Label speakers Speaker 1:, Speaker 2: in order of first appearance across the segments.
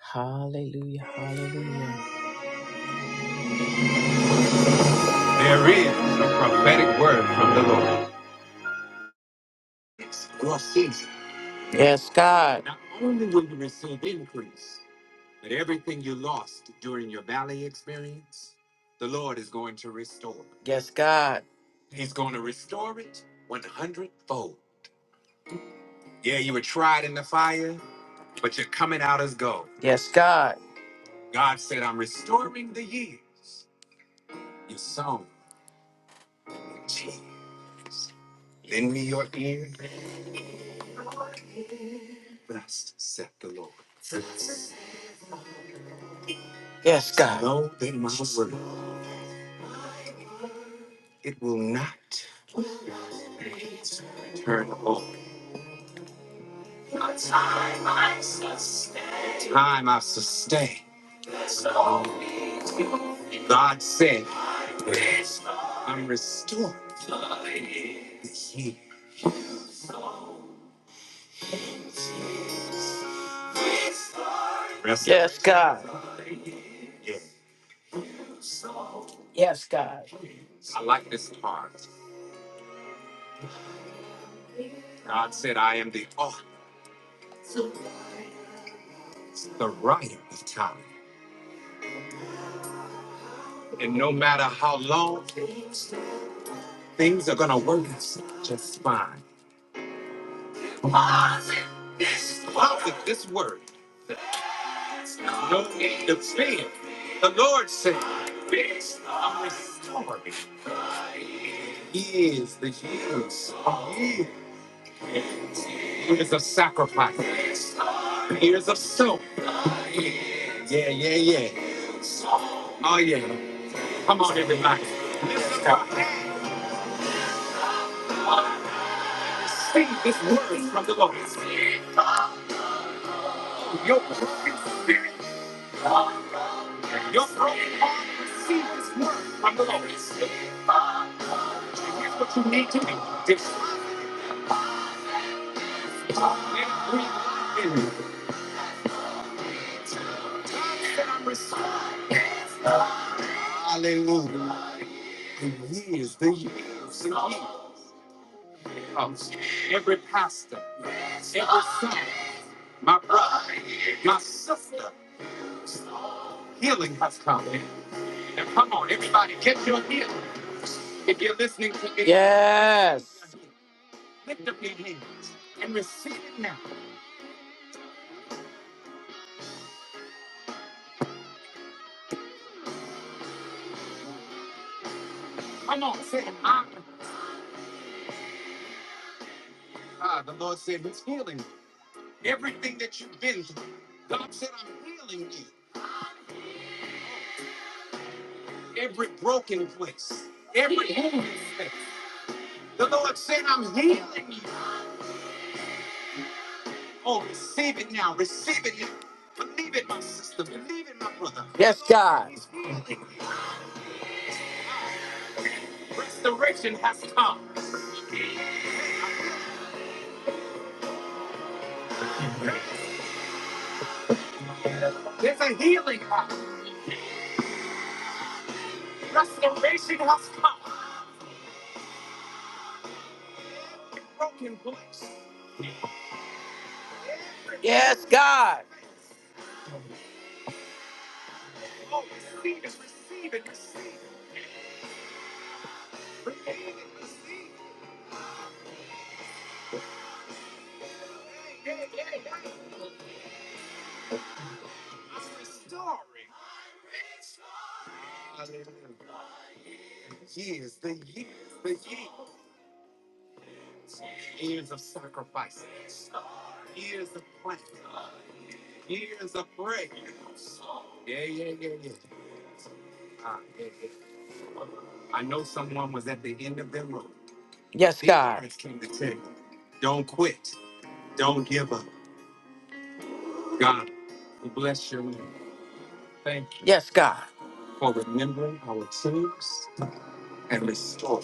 Speaker 1: Hallelujah. Hallelujah. There is a prophetic word from the Lord. Your season. Yes, God. Not only will you receive increase, but everything you lost during your valley experience, the Lord is going to restore. Yes, God. He's going to restore it 100 fold. Yeah, you were tried in the fire, but you're coming out as gold. Yes, God. God said, I'm restoring the years you sown in tears. Lend me your ear. Thus saith the Lord. Yes, God. Know that my word, it will not turn over. Time I sustain. God said, I'm restored this year. Yes, God. Yeah. Yes, God. I like this part. God said, I am the author, the writer of time. And no matter how long, things are going to work just fine. Out with this word. No need of fear. The Lord said, I'm restoring. He is the years, years. Years of sacrifice. Years of soul. Yeah, yeah, yeah. Oh, yeah. Come on, everybody. Lift up. Sing this word from the Lord. Your broken spirit. Your broken heart receive this word from the Lord. And here's what you need to do. Deposit and breathe in. it. God said I'm restoring. Hallelujah. The years, the years, the years. Every pastor, every son, my brother, my sister, healing has come. And come on, everybody, get your healing. If you're listening to me, yes. Lift up your hands and receive it now. Come on, say, it. I'm God. The Lord said He's healing everything that you've been through. God said, I'm healing you. Every broken place, every wounded place. The Lord said, I'm healing you. Oh, receive it now. Receive it now. Believe it, my sister. Believe it, my brother. Yes, God. He's healing. Restoration has come. There's a healing. power. Restoration has come. broken place. Yes, God. Oh, receive it, receive it, receive it. Receive it, receive it. Yeah, yeah, yeah, yeah. I'm restoring. Hallelujah. Years, the years, the of of sacrifice. Years of planning. Years of sacrifice. Yeah, yeah, yeah, yeah. Ah, yeah, yeah. I know someone was at the end of their rope. Yes, God. Don't quit. Don't give up. God, we bless your name. Thank you Yes, God. for remembering our tears and restoring.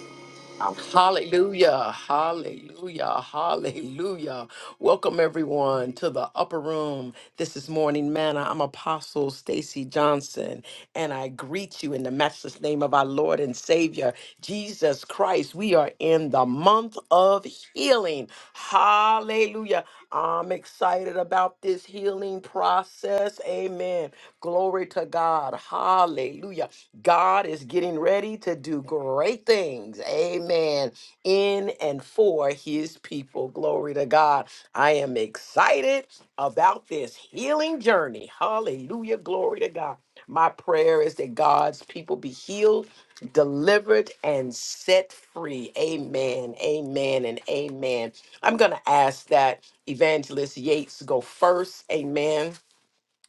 Speaker 1: Um, Hallelujah, hallelujah, hallelujah. Welcome everyone to the upper room. This is Morning Manna. I'm Apostle Stacy Johnson, and I greet you in the matchless name of our Lord and Savior, Jesus Christ. We are in the month of healing. Hallelujah. I'm excited about this healing process. Amen. Glory to God. Hallelujah. God is getting ready to do great things. Amen. In and for his people. Glory to God. I am excited about this healing journey. Hallelujah. Glory to God. My prayer is that God's people be healed, delivered, and set free. Amen. Amen. And amen. I'm going to ask that Evangelist Yates go first. Amen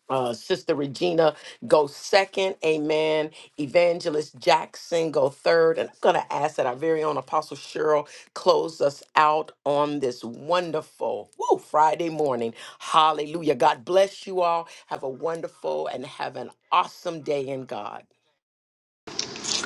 Speaker 1: uh, Sister Regina go second. Amen. Evangelist Jackson go third. And I'm going to ask that our very own Apostle Cheryl close us out on this wonderful woo, Friday morning. Hallelujah. God bless you all. Have a wonderful and have an awesome day in God.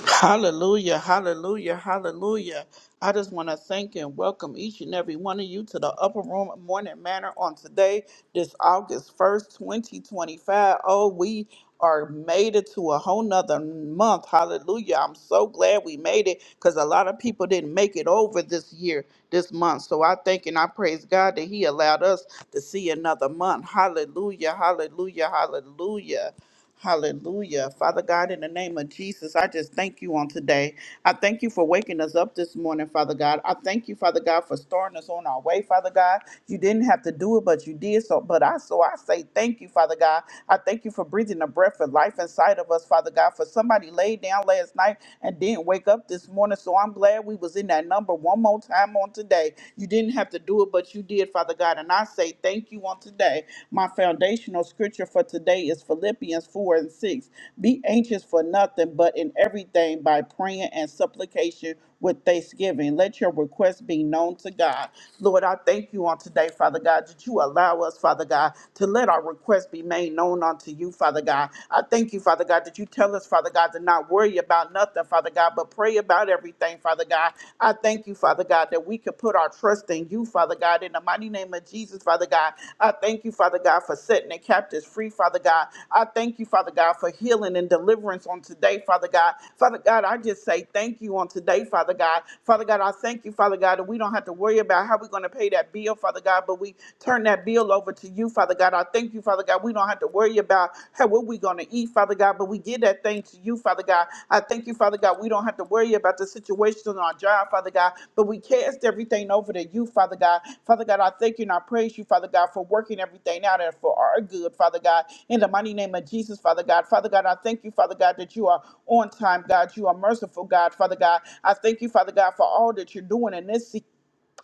Speaker 2: Hallelujah, hallelujah, hallelujah. I just want to thank and welcome each and every one of you to the Upper Room Morning Manor on today, this August 1st, 2025. Oh, we are made it to a whole nother month. Hallelujah. I'm so glad we made it because a lot of people didn't make it over this year, this month. So I thank and I praise God that He allowed us to see another month. Hallelujah, hallelujah, hallelujah. Hallelujah. Father God, in the name of Jesus, I just thank you on today. I thank you for waking us up this morning, Father God. I thank you, Father God, for starting us on our way, Father God. You didn't have to do it, but you did so. But I so I say thank you, Father God. I thank you for breathing the breath of life inside of us, Father God. For somebody laid down last night and didn't wake up this morning. So I'm glad we was in that number one more time on today. You didn't have to do it, but you did, Father God. And I say thank you on today. my foundation foundational scripture for today is Philippians 4 and 6. Be anxious for nothing, but in everything by praying and supplication with thanksgiving. Let your requests be known to God. Lord, I thank you on today, Father God, that you allow us, Father God, to let our requests be made known unto you, Father God. I thank you, Father God, that you tell us, Father God, to not worry about nothing, Father God, but pray about everything, Father God. I thank you, Father God, that we can put our trust in you, Father God, in the mighty name of Jesus, Father God. I thank you, Father God, for setting the captives free, Father God. I thank you, Father God, for healing and deliverance on today, Father God. Father God, I just say thank you on today, Father God. Father God, I thank you, Father God, that we don't have to worry about how we're going to pay that bill, Father God, but we turn that bill over to you, Father God. I thank you, Father God. We don't have to worry about God, how what we going to eat, Father God, but we give that thing to you, Father God. I thank you, Father God. We don't have to worry about the situation on our job, Father God, but we cast everything over to you, Father God. Father God, I thank you and I praise you, Father God, for working everything out and for our good, Father God. In the mighty name of Jesus, Father God. Father God, I thank you, Father God, that you are on time, God. You are merciful, God, Father God. I thank you, Father God, for all that you're doing in this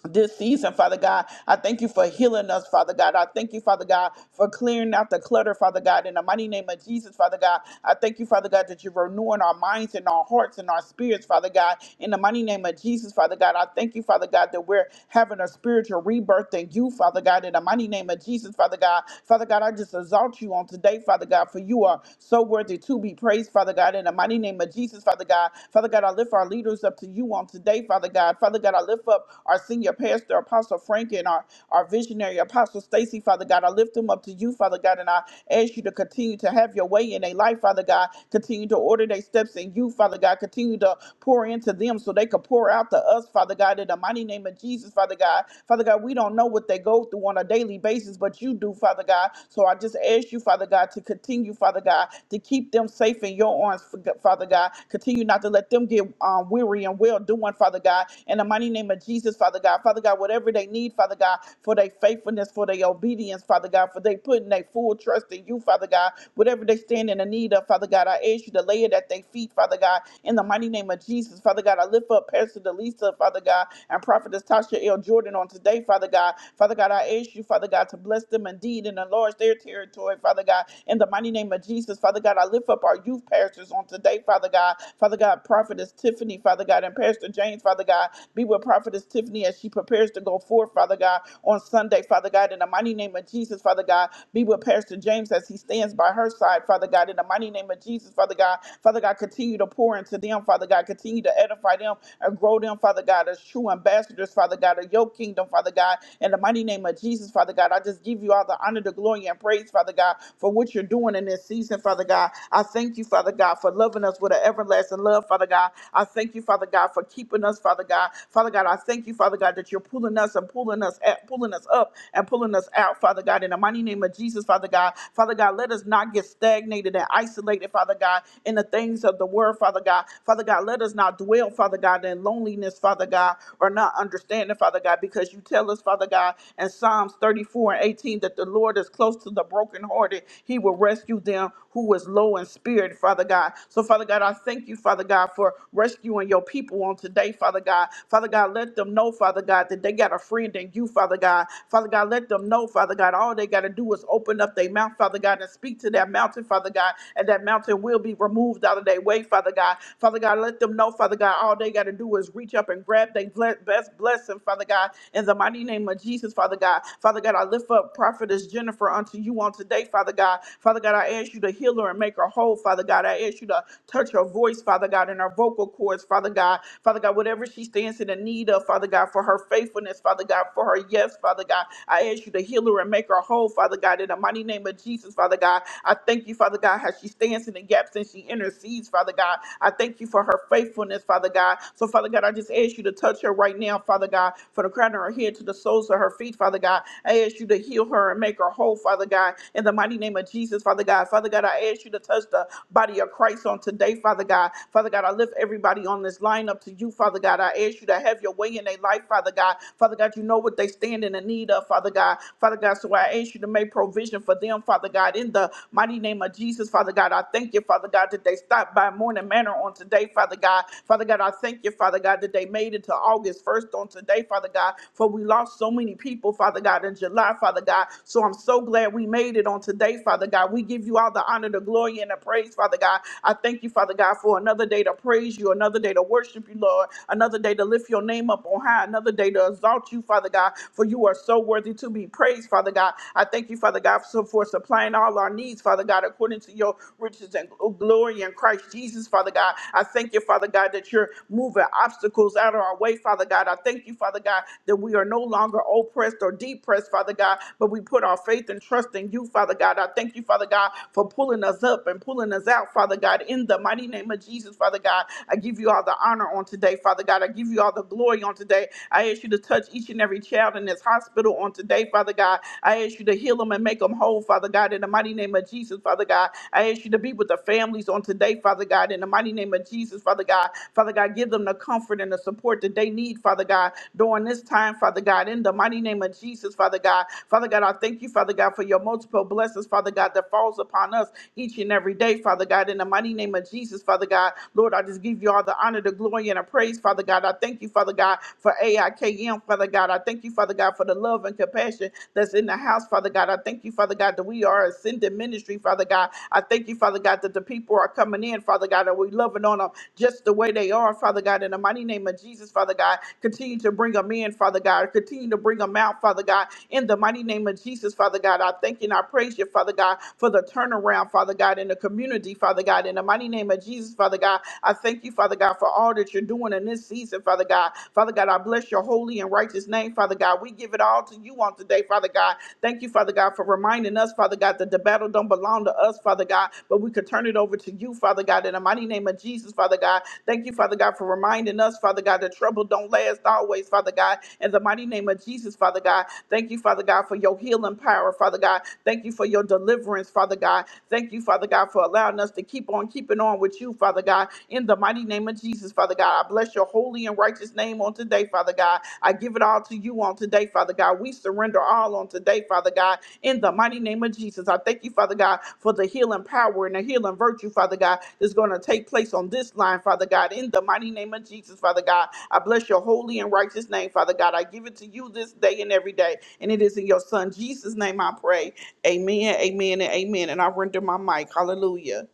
Speaker 2: this season, Father God. I thank you for healing us, Father God. I thank you, Father God, for clearing out the clutter, Father God. In the mighty name of Jesus, Father God, I thank you, Father God, that you're renewing our minds and our hearts and our spirits, Father God. In the mighty name of Jesus, Father God, I thank you, Father God, that we're having a spiritual rebirth in you, Father God. In the mighty name of Jesus, Father God, Father God, I just exalt you on today, Father God, for you are so worthy to be praised, Father God. In the mighty name of Jesus, Father God, Father God, I lift our leaders up to you on on today, Father God. Father God, I lift up our senior pastor, Apostle Frank, and our, our visionary, Apostle Stacy, Father God. I lift them up to you, Father God, and I ask you to continue to have your way in their life, Father God. Continue to order their steps in you, Father God. Continue to pour into them so they could pour out to us, Father God, in the mighty name of Jesus, Father God. Father God, we don't know what they go through on a daily basis, but you do, Father God. So I just ask you, Father God, to continue, Father God, to keep them safe in your arms, Father God. Continue not to let them get um, weary and well doing, Father God. In the mighty name of Jesus, Father God. Father God, whatever they need, Father God, for their faithfulness, for their obedience, Father God, for they putting their full trust in you, Father God. Whatever they stand in the need of, Father God, I ask you to lay it at their feet, Father God. In the mighty name of Jesus, Father God, I lift up Pastor Delisa, Father God, and Prophetess Tasha L. Jordan on today, Father God. Father God, I ask you, Father God, to bless them indeed and enlarge their territory, Father God. In the mighty name of Jesus, Father God, I God. I lift up our youth pastors on today, Father God. Father God, Prophetess Tiffany, Father God, and Pastor James, Father God. Be with Prophetess Tiffany as she prepares to go forth, Father God, on Sunday, Father God. In the mighty name of Jesus, Father God. Be with Pastor James as he stands by her side, Father God. In the mighty name of Jesus, Father God. Father God, continue to pour into them, Father God. Continue to edify them and grow them, Father God, as true ambassadors, Father God, of your kingdom, Father God. In the mighty name of Jesus, Father God, I just give you all the honor, the glory, and praise, Father. Father God, for what you're doing in this season, Father God. I thank you, Father God, for loving us with an everlasting love, Father God. I thank you, Father God, for keeping us, Father God. Father God, I thank you, Father God, that you're pulling us and pulling us at, pulling us up and pulling us out, Father God. In the mighty name of Jesus, Father God. Father God, let us not get stagnated and isolated, Father God, in the things of the world, Father God. Father God, let us not dwell, Father God, in loneliness, Father God, or not understanding, Father God, because you tell us, Father God, in Psalms 33. Psalms 34 and 18 that the Lord is close to the brokenhearted. He will rescue them who is low in spirit, Father God. So, Father God, I thank you, Father God, for rescuing your people on today, Father God. Father God, let them know, Father God, that they got a friend in you, Father God. Father God, let them know, Father God, all they got to do is open up their mouth, Father God, and speak to that mountain, Father God, and that mountain will be removed out of their way, Father God. Father God, let them know, Father God, all they got to do is reach up and grab their ble- best blessing, Father God. Father God, in the mighty name of Jesus, Father God. Father God, I lift up Prophetess Jennifer unto you on today, Father God. Father God, I ask you to heal her and make her whole, Father God. I ask you to touch her voice, Father God, and her vocal cords, Father God. Father God, whatever she stands in the need of, Father God, for her faithfulness, Father God, for her yes, Father God. I ask you to heal her and make her whole, Father God, in the mighty name of Jesus, Father God. I thank you, Father God, how she stands in the gaps and she intercedes, Father God. I thank you for her faithfulness, Father God. So, Father. God, I just ask you to touch her right now, Father God, from the crown of her head to the soles of her feet, Father God. I ask you to heal her and make her whole, Father God, in the mighty name of Jesus, Father God. Father God, I ask you to touch the body of Christ on today, Father God. Father God, I lift everybody on this line up to you, Father God. I ask you to have your way in their life, Father God. Father God, you know what they stand in the need of, Father God. Father God, so I ask you to make provision for them, Father God, in the mighty name of Jesus, Father God. I thank you, Father God, that they stopped by morning manner prayer on today, Father God. Father God, I thank you, Father God, that they made it to August 1st on today, Father God, for we lost so many people, Father God, in July, Father God. So I'm so glad we made it on today, Father God. We give you all the honor, the glory, and the praise, Father God. I thank you, Father God, for another day to praise you, another day to worship you, Lord, another day to lift your name up on high, another day to exalt you, Father God, for you are so worthy to be praised, Father God. I thank you, Father God, so- for supplying all our needs, Father God, according to your riches and glory in Christ Jesus, Father God. I thank you, Father God, that you're moving obstacles out of our way, Father God. I thank you, Father God, that we are no longer oppressed or depressed, Father God, but we put our faith and trust in you, Father God. I thank you, Father God, for pulling us up and pulling us out, Father God, in the mighty name of Jesus, Father God. I give you all the honor on today, Father God. I give you all the glory on today. I ask you to touch each and every child in this hospital on today, Father God. I ask you to heal them and make them whole, Father Father God, in the mighty name of Jesus, Father God. I ask you to be with the families on today, Father God, in the mighty name of Jesus, Father God. Father God, give them the comfort and the support that they need, Father God, during this time, Father God, in the mighty name of Jesus, Father God. Father God, I thank you, Father God, for your multiple blessings, Father God, that falls upon us each and every day, Father God, in the mighty name of Jesus, Father God. Lord, I just give you all the honor, the glory, and the praise, Father God. I thank you, Father God, for AIKM, Father God. I thank you, Father God, for the love and compassion that's in the house, Father God. I thank you, Father God, that we are ascending ministry, Father God. I thank you, Father God, that the people are coming in, Father God, and we loving on them just the way they are, Father God. In the mighty name of Jesus, Father God, continue to bring them in, Father God. Continue to bring them out, Father God. In the mighty name of Jesus, Father God, I thank you and I praise you, Father God, for the turnaround, Father God, in the community, Father God. In the mighty name of Jesus, Father God, I thank you, Father God, for all that you're doing in this season, Father God. Father God, I bless your holy and righteous name, Father God. We give it all to you on today, Father God. Thank you, Father God, for reminding us, Father God, that the battle don't belong to us, Father God, but we could turn it over to you, Father God, in the mighty name of Jesus, Father God. Thank you, Father God, for reminding us, Father God, that trouble don't last always, Father God, in the mighty name of Jesus, Father God. Thank you, Father God, for your healing power, Father God. Thank you for your deliverance, Father God. Thank you, Father God, for allowing us to keep on keeping on with you, Father God. In the mighty name of Jesus, Father God, I bless your holy and righteous name on today, Father God. I give it all to you on today, Father God. We surrender all on today, Father God. In the mighty name of Jesus, I thank you, Father God, for the healing power and the healing virtue, Father God, that's going to take place on this line, Father God. In the mighty name of Jesus, Father God, I bless your holy and righteous name, Father God. I give it to you this day and every day. And it is in your Son, Jesus' name, I pray. Amen, amen, and amen. And I render my mic. Hallelujah.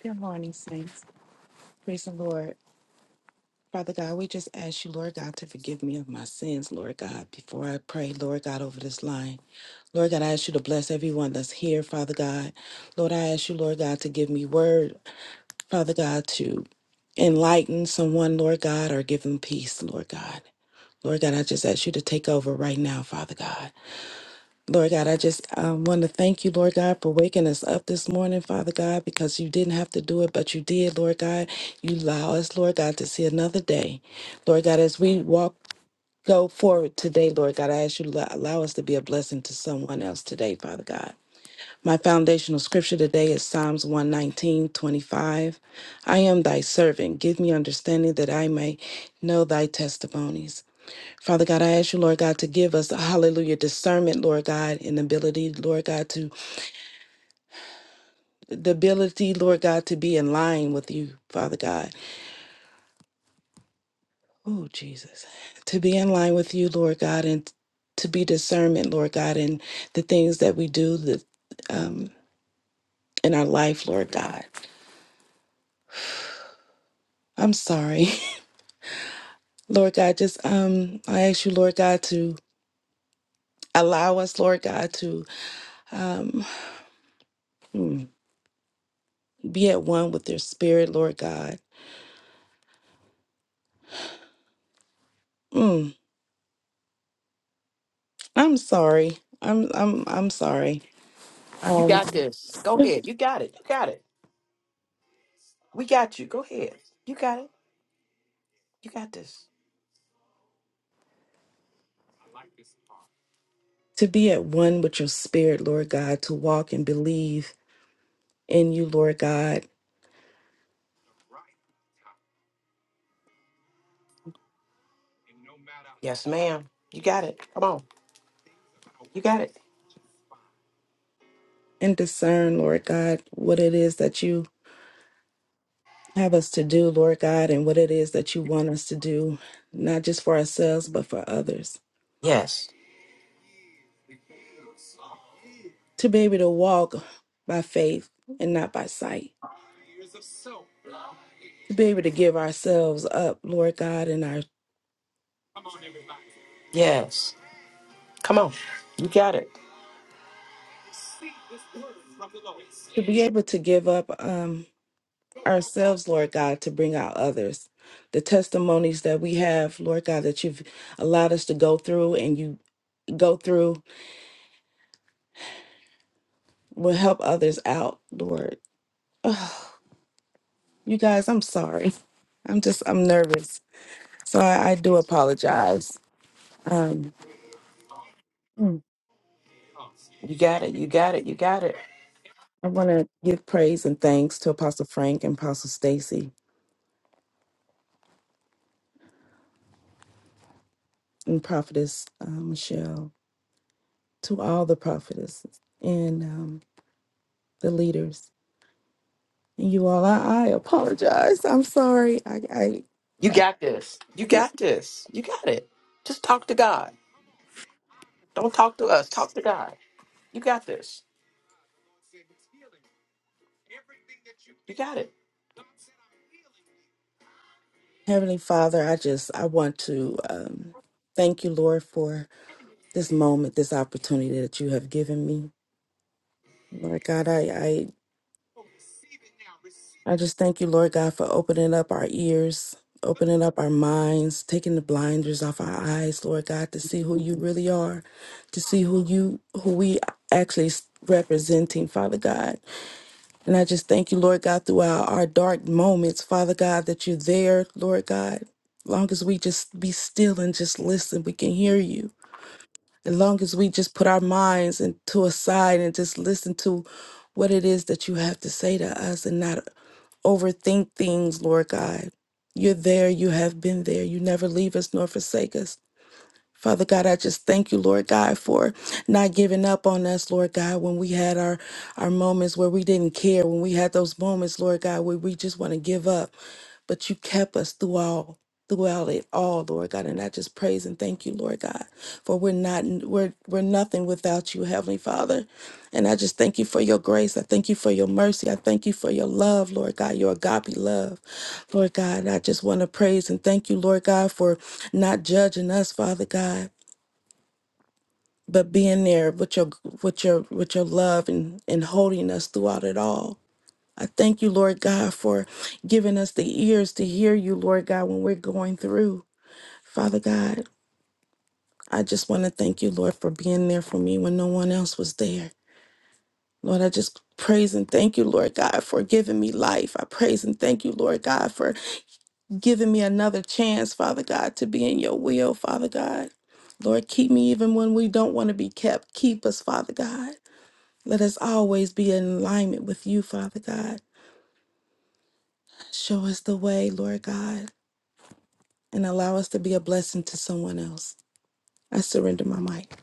Speaker 3: Good morning, saints. Praise the Lord. Father God, we just ask you, Lord God, to forgive me of my sins, Lord God. Before I pray, Lord God, over this line, Lord God, I ask you to bless everyone that's here, Father God. Lord, I ask you, Lord God, to give me word, Father God, to enlighten someone, Lord God, or give them peace, Lord God. Lord God, I just ask you to take over right now, Father God. Lord God, I just um, want to thank you, Lord God, for waking us up this morning, Father God, because you didn't have to do it, but you did, Lord God. You allow us, Lord God, to see another day. Lord God, as we walk, go forward today, Lord God, I ask you to allow allow us to be a blessing to someone else today, Father God. My foundational scripture today is Psalms 119, 25. I am thy servant. Give me understanding that I may know thy testimonies. Father God, I ask you, Lord God, to give us hallelujah discernment, Lord God, and ability, Lord God, to the ability, Lord God, to be in line with you, Father God. Oh, Jesus. To be in line with you, Lord God, and to be discernment, Lord God, in the things that we do the um, in our life, Lord God. I'm sorry. Lord God, just um I ask you, Lord God, to allow us, Lord God, to um mm, be at one with your spirit, Lord God. Mm. I'm sorry. I'm I'm I'm sorry.
Speaker 1: You
Speaker 3: Um,
Speaker 1: got this. Go ahead. You got it. You got it. We got you. Go ahead. You got it. You got this.
Speaker 3: to be at one with your spirit, Lord God, to walk and believe in you, Lord God,
Speaker 1: Yes, ma'am. You got it. Come on. You got it.
Speaker 3: and discern, Lord God, what it is that you have us to do, Lord God, and what it is that you want us to do, not just for ourselves but for others.
Speaker 1: Yes.
Speaker 3: To be able to walk by faith and not by sight. To be able to give ourselves up, Lord God, and our
Speaker 1: Yes. Come on. You got it.
Speaker 3: to be able to give up. Um, ourselves, Lord God, to bring out others. The testimonies that we have, Lord God, that you've allowed us to go through and you go through will help others out, Lord. Ugh, you guys, I'm sorry. I'm just, I'm nervous. So I, I do apologize. Um, mm,
Speaker 1: You got it. You got it. You got it.
Speaker 3: I want to give praise and thanks to Apostle Frank and Apostle Stacy and Prophetess uh, Michelle, to all the prophetesses and um, the leaders. You all, I, I apologize. I'm sorry. I, I,
Speaker 1: You
Speaker 3: I
Speaker 1: got this. You
Speaker 3: can't.
Speaker 1: got this. You got it. Just talk to God. Don't talk to us. Talk to God. You got this. You got it.
Speaker 3: Heavenly Father, I just I want to um, thank you, Lord, for this moment, this opportunity that you have given me. Lord God, I, I I just thank you, Lord God, for opening up our ears, opening up our minds, taking the blinders off our eyes, Lord God, to see who you really are, to see who you who we actually s- representing, Father God. And I just thank you, Lord God, throughout our dark moments, Father God, that you're there, Lord God. Long as we just be still and just listen, we can hear you. As long as we just put our minds into a side and just listen to what it is that you have to say to us and not overthink things, Lord God. You're there, you have been there. You never leave us nor forsake us. Father God, I just thank you, Lord God, for not giving up on us, Lord God, when we had our, our moments where we didn't care, when we had those moments, Lord God, where we just want to give up. But you kept us through all throughout it all, Lord God. And I just praise and thank you, Lord God, for we're not we're we're nothing without you, Heavenly Father. And I just thank you for your grace. I thank you for your mercy. I thank you for your love, Lord God, your agape love. Lord God, I just want to praise and thank you, Lord God, for not judging us, Father God but being there with your with your with your love and and holding us throughout it all i thank you lord god for giving us the ears to hear you lord god when we're going through father god i just want to thank you lord for being there for me when no one else was there lord i just praise and thank you lord god for giving me life i praise and thank you lord god for giving me another chance father god to be in your will father god lord keep me even when we don't want to be kept keep us father god Let us always be in alignment with you, Father God. Show us the way, Lord God, and allow us to be a blessing to someone else. I surrender my mic.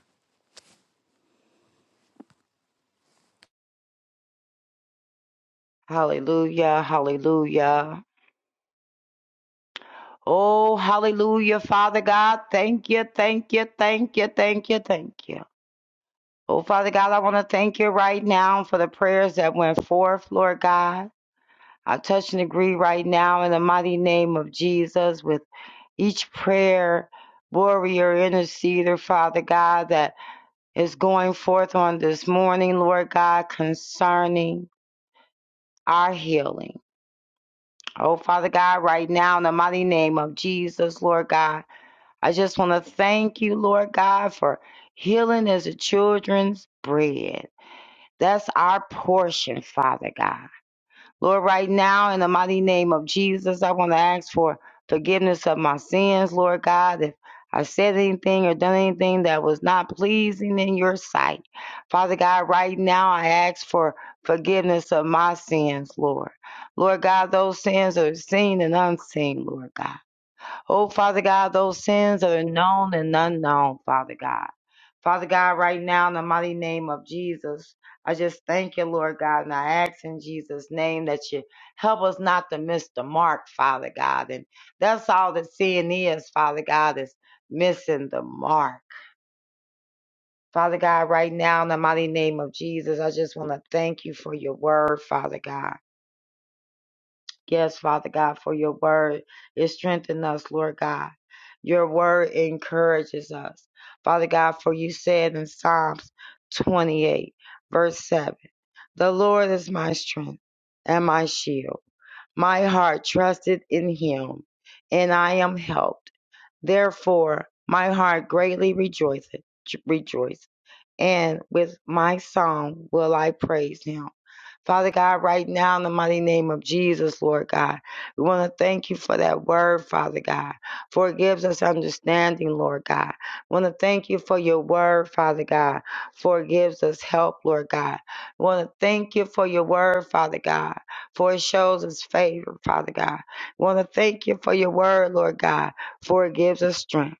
Speaker 4: Hallelujah, hallelujah. Oh, hallelujah, Father God. Thank you, thank you, thank you, thank you, thank you. Oh, Father God, I want to thank you right now for the prayers that went forth, Lord God. I touch and agree right now in the mighty name of Jesus with each prayer, warrior, interceder, Father God, that is going forth on this morning, Lord God, concerning our healing Oh, Father God, right now, in the mighty name of Jesus, Lord God, I just want to thank you, Lord God, for healing as a children's bread. That's our portion, Father God. Lord, right now, in the mighty name of Jesus, I want to ask for forgiveness of my sins, Lord God. If I said anything or done anything that was not pleasing in your sight, Father God, right now I ask for forgiveness of my sins, Lord. Lord God, those sins are seen and unseen, Lord God. Oh, Father God, those sins that are known and unknown, Father God. Father God, right now, in the mighty name of Jesus, I just thank you, Lord God, and I ask in Jesus' name that you help us not to miss the mark, Father God. And that's all that sin is, Father God, is missing the mark. Father God, right now, in the mighty name of Jesus, I just want to thank you for your word, Father God. Yes, Father God, for your word. It strengthens us, Lord God. Your word encourages us. Father God, for you said in Psalms 28, verse 7, The Lord is my strength and my shield. My heart trusted in him, and I am helped. Therefore, my heart greatly rejoiceth, rejoices and with my song will I praise him. Father God, right now in the mighty name of Jesus, Lord God, we want to thank you for that word, Father God, for it gives us understanding, Lord God. We want to thank you for your word, Father God, for it gives us help, Lord God. We want to thank you for your word, Father God, for it shows us favor, Father God. We want to thank you for your word, Lord God, for it gives us strength.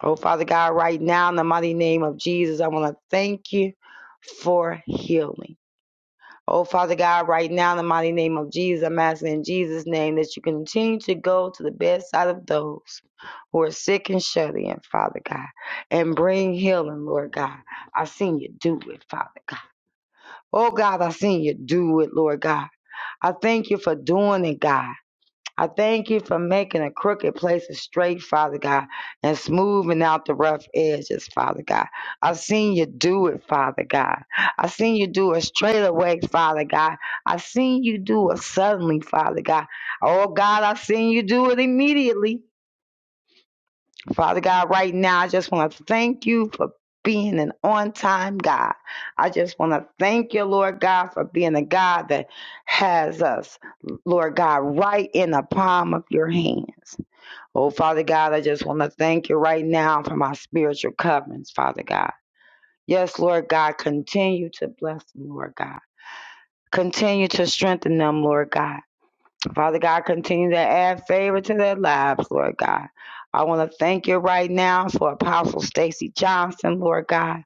Speaker 4: Oh, Father God, right now in the mighty name of Jesus, I want to thank you for healing. Oh, Father God, right now in the mighty name of Jesus, I'm asking in Jesus' name that you continue to go to the bedside of those who are sick and shut in, Father God, and bring healing, Lord God. I seen you do it, Father God. Oh, God, I seen you do it, Lord God. I thank you for doing it, God. I thank you for making a crooked places straight, Father God, and smoothing out the rough edges, Father God. I've seen you do it, Father God. I've seen you do it straight away, Father God. I've seen you do it suddenly, Father God. Oh God, I've seen you do it immediately. Father God, right now, I just want to thank you for being an on time God. I just want to thank you, Lord God, for being a God that has us, Lord God, right in the palm of your hands. Oh, Father God, I just want to thank you right now for my spiritual coverings, Father God. Yes, Lord God, continue to bless them, Lord God. Continue to strengthen them, Lord God. Father God, continue to add favor to their lives, Lord God. I want to thank you right now for Apostle Stacy Johnson, Lord God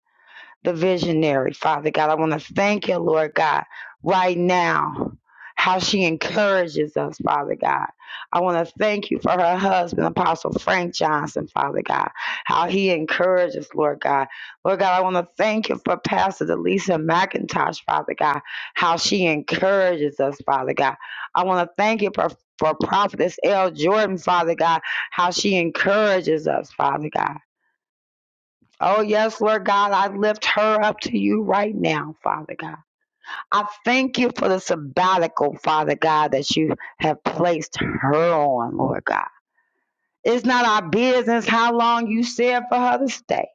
Speaker 4: the visionary, Father God. I want to thank you, Lord God, right now, how she encourages us, Father God. I want to thank you for her husband, Apostle Frank Johnson, Father God, how he encourages, Lord God. Lord God, I want to thank you for Pastor Delisa McIntosh, Father God, how she encourages us, Father God. I want to thank you for, for Prophetess L. Jordan, Father God, how she encourages us, Father God. Oh, yes, Lord God, I lift her up to you right now, Father God. I thank you for the sabbatical, Father God, that you have placed her on, Lord God. It's not our business how long you said for her to stay.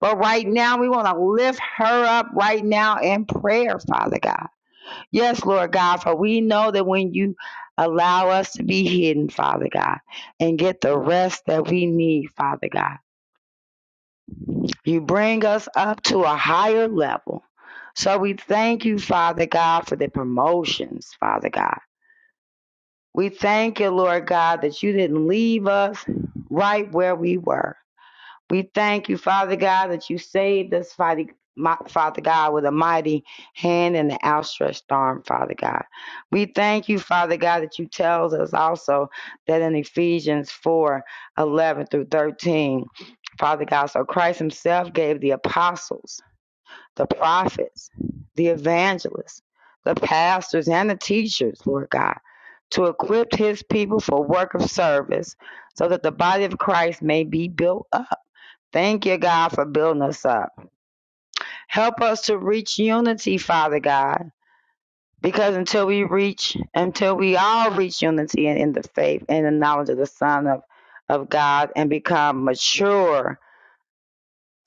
Speaker 4: But right now, we want to lift her up right now in prayer, Father God. Yes, Lord God, for we know that when you allow us to be hidden, Father God, and get the rest that we need, Father God. You bring us up to a higher level. So we thank you, Father God, for the promotions, Father God. We thank you, Lord God, that you didn't leave us right where we were. We thank you, Father God, that you saved us, Father God, with a mighty hand and an outstretched arm, Father God. We thank you, Father God, that you tells us also that in Ephesians 4:11 through 13, Father God, so Christ himself gave the apostles, the prophets, the evangelists, the pastors, and the teachers, Lord God, to equip his people for work of service so that the body of Christ may be built up. Thank you, God, for building us up. Help us to reach unity, Father God. Because until we reach, until we all reach unity in, in the faith and the knowledge of the Son of, of God and become mature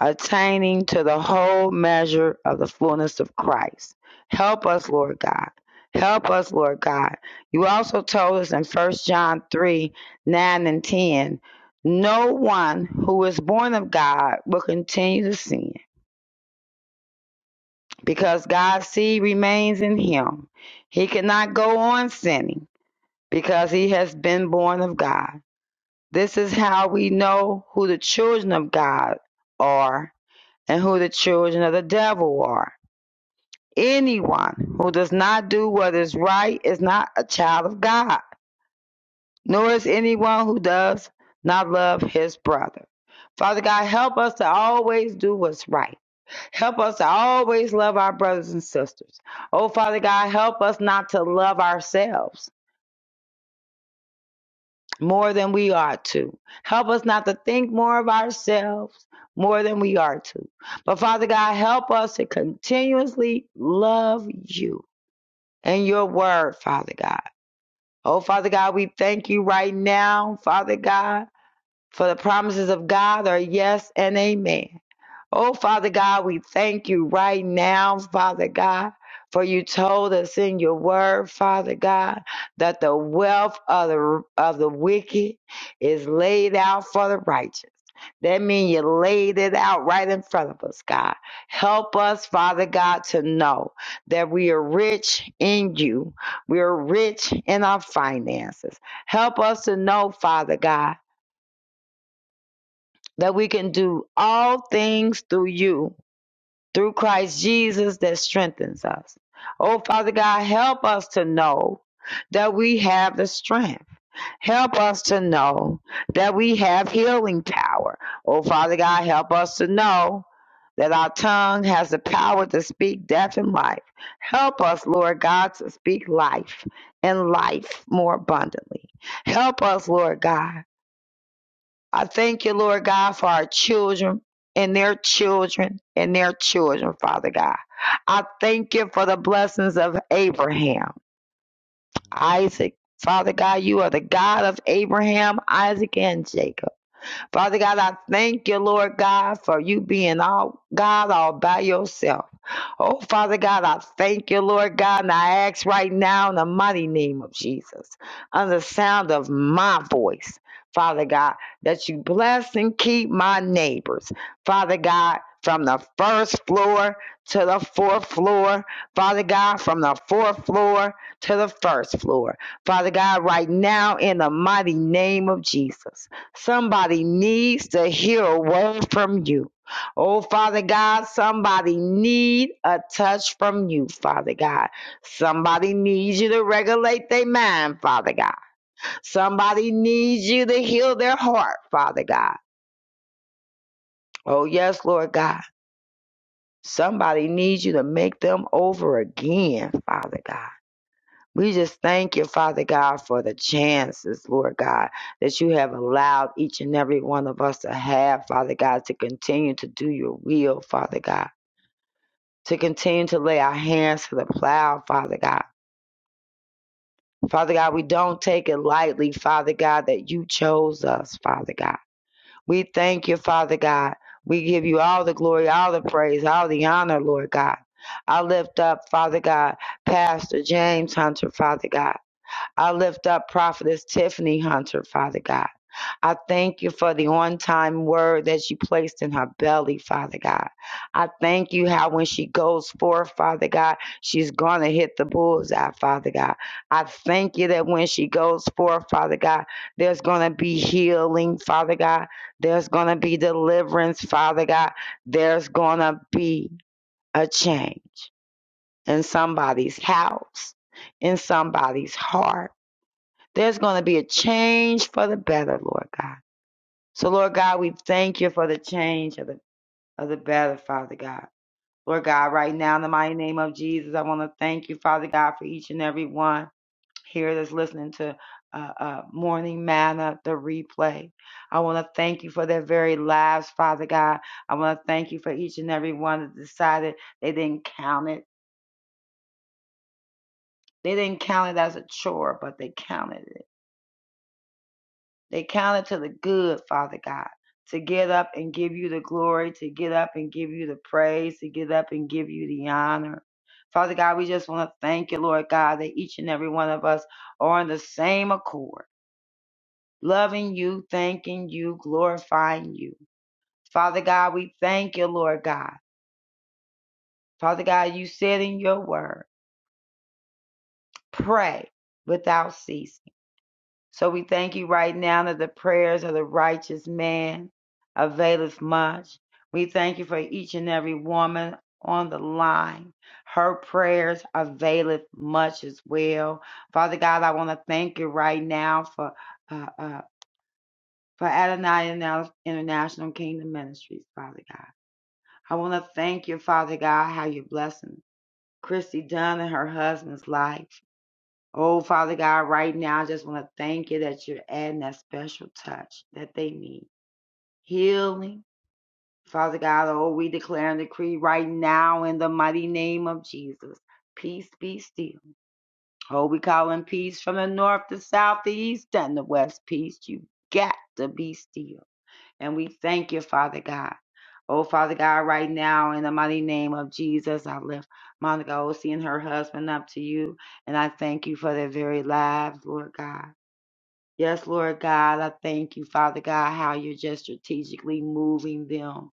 Speaker 4: attaining to the whole measure of the fullness of Christ. Help us, Lord God. Help us, Lord God. You also told us in First John 3 9 and 10 no one who is born of God will continue to sin because God's seed remains in him. He cannot go on sinning because he has been born of God. This is how we know who the children of God are and who the children of the devil are. Anyone who does not do what is right is not a child of God, nor is anyone who does not love his brother. Father God, help us to always do what's right. Help us to always love our brothers and sisters. Oh, Father God, help us not to love ourselves more than we ought to. Help us not to think more of ourselves more than we are to. But Father God, help us to continuously love you and your word, Father God. Oh, Father God, we thank you right now, Father God. For the promises of God are yes and amen. Oh, Father God, we thank you right now, Father God, for you told us in your word, Father God, that the wealth of the, of the wicked is laid out for the righteous. That means you laid it out right in front of us, God. Help us, Father God, to know that we are rich in you. We are rich in our finances. Help us to know, Father God, that we can do all things through you, through Christ Jesus that strengthens us. Oh, Father God, help us to know that we have the strength. Help us to know that we have healing power. Oh, Father God, help us to know that our tongue has the power to speak death and life. Help us, Lord God, to speak life and life more abundantly. Help us, Lord God I thank you, Lord God, for our children and their children and their children, Father God. I thank you for the blessings of Abraham, Isaac. Father God, you are the God of Abraham, Isaac, and Jacob. Father God, I thank you, Lord God, for you being all God all by yourself. Oh, Father God, I thank you, Lord God, and I ask right now in the mighty name of Jesus, under the sound of my voice, Father God, that you bless and keep my neighbors, Father God, from the first floor to the fourth floor, Father God, from the fourth floor to the first floor, Father God, right now in the mighty name of Jesus. Somebody needs to hear a word from you. Oh, Father God, somebody need a touch from you, Father God. Somebody needs you to regulate their mind, Father God. Somebody needs you to heal their heart, Father God. Oh, yes, Lord God. Somebody needs you to make them over again, Father God. We just thank you, Father God, for the chances, Lord God, that you have allowed each and every one of us to have, Father God, to continue to do your will, Father God. to continue to lay our hands to the plow, Father God. Father God, we don't take it lightly, Father God, that you chose us, Father God. We thank you, Father God. We give you all the glory, all the praise, all the honor, Lord God. I lift up, Father God, Pastor James Hunter, Father God. I lift up Prophetess Tiffany Hunter, Father God. I thank you for the on time word that you placed in her belly, Father God. I thank you how when she goes forth, Father God, she's going to hit the bullseye, Father God. I thank you that when she goes forth, Father God, there's going to be healing, Father God. There's going to be deliverance, Father God. There's going to be a change in somebody's house, in somebody's heart. There's going to be a change for the better, Lord God. So, Lord God, we thank you for the change of the, of the battle, Father God. Lord God, right now, in the mighty name of Jesus, I want to thank you, Father God, for each and every one here that's listening to uh, uh, Morning Manna, the replay. I want to thank you for their very lives, Father God. I want to thank you for each and every one that decided they didn't count it. They didn't count it as a chore, but they counted it They count it to the good, Father God, to get up and give you the glory, to get up and give you the praise, to get up and give you the honor. Father God, we just want to thank you, Lord God, that each and every one of us are on the same accord, loving you, thanking you, glorifying you. Father God, we thank you, Lord God. Father God, you said in your word, pray without ceasing. So we thank you right now that the prayers of the righteous man availeth much. We thank you for each and every woman on the line. Her prayers availeth much as well. Father God, I want to thank you right now for uh, uh, for Adonai International Kingdom Ministries, Father God. I want to thank you, Father God, how you're blessing Christy Dunn and her husband's life. Oh, Father God, right now, I just want to thank you that you're adding that special touch that they need. Healing. Father God, oh, we declare and decree right now in the mighty name of Jesus. Peace be still. Oh, we calling peace from the north, the south, the east, and the west. Peace, you got to be still. And we thank you, Father God. Oh, Father God, right now in the mighty name of Jesus, I lift Monica Osi and her husband up to you. And I thank you for their very lives, Lord God. Yes, Lord God, I thank you, Father God, how you're just strategically moving them,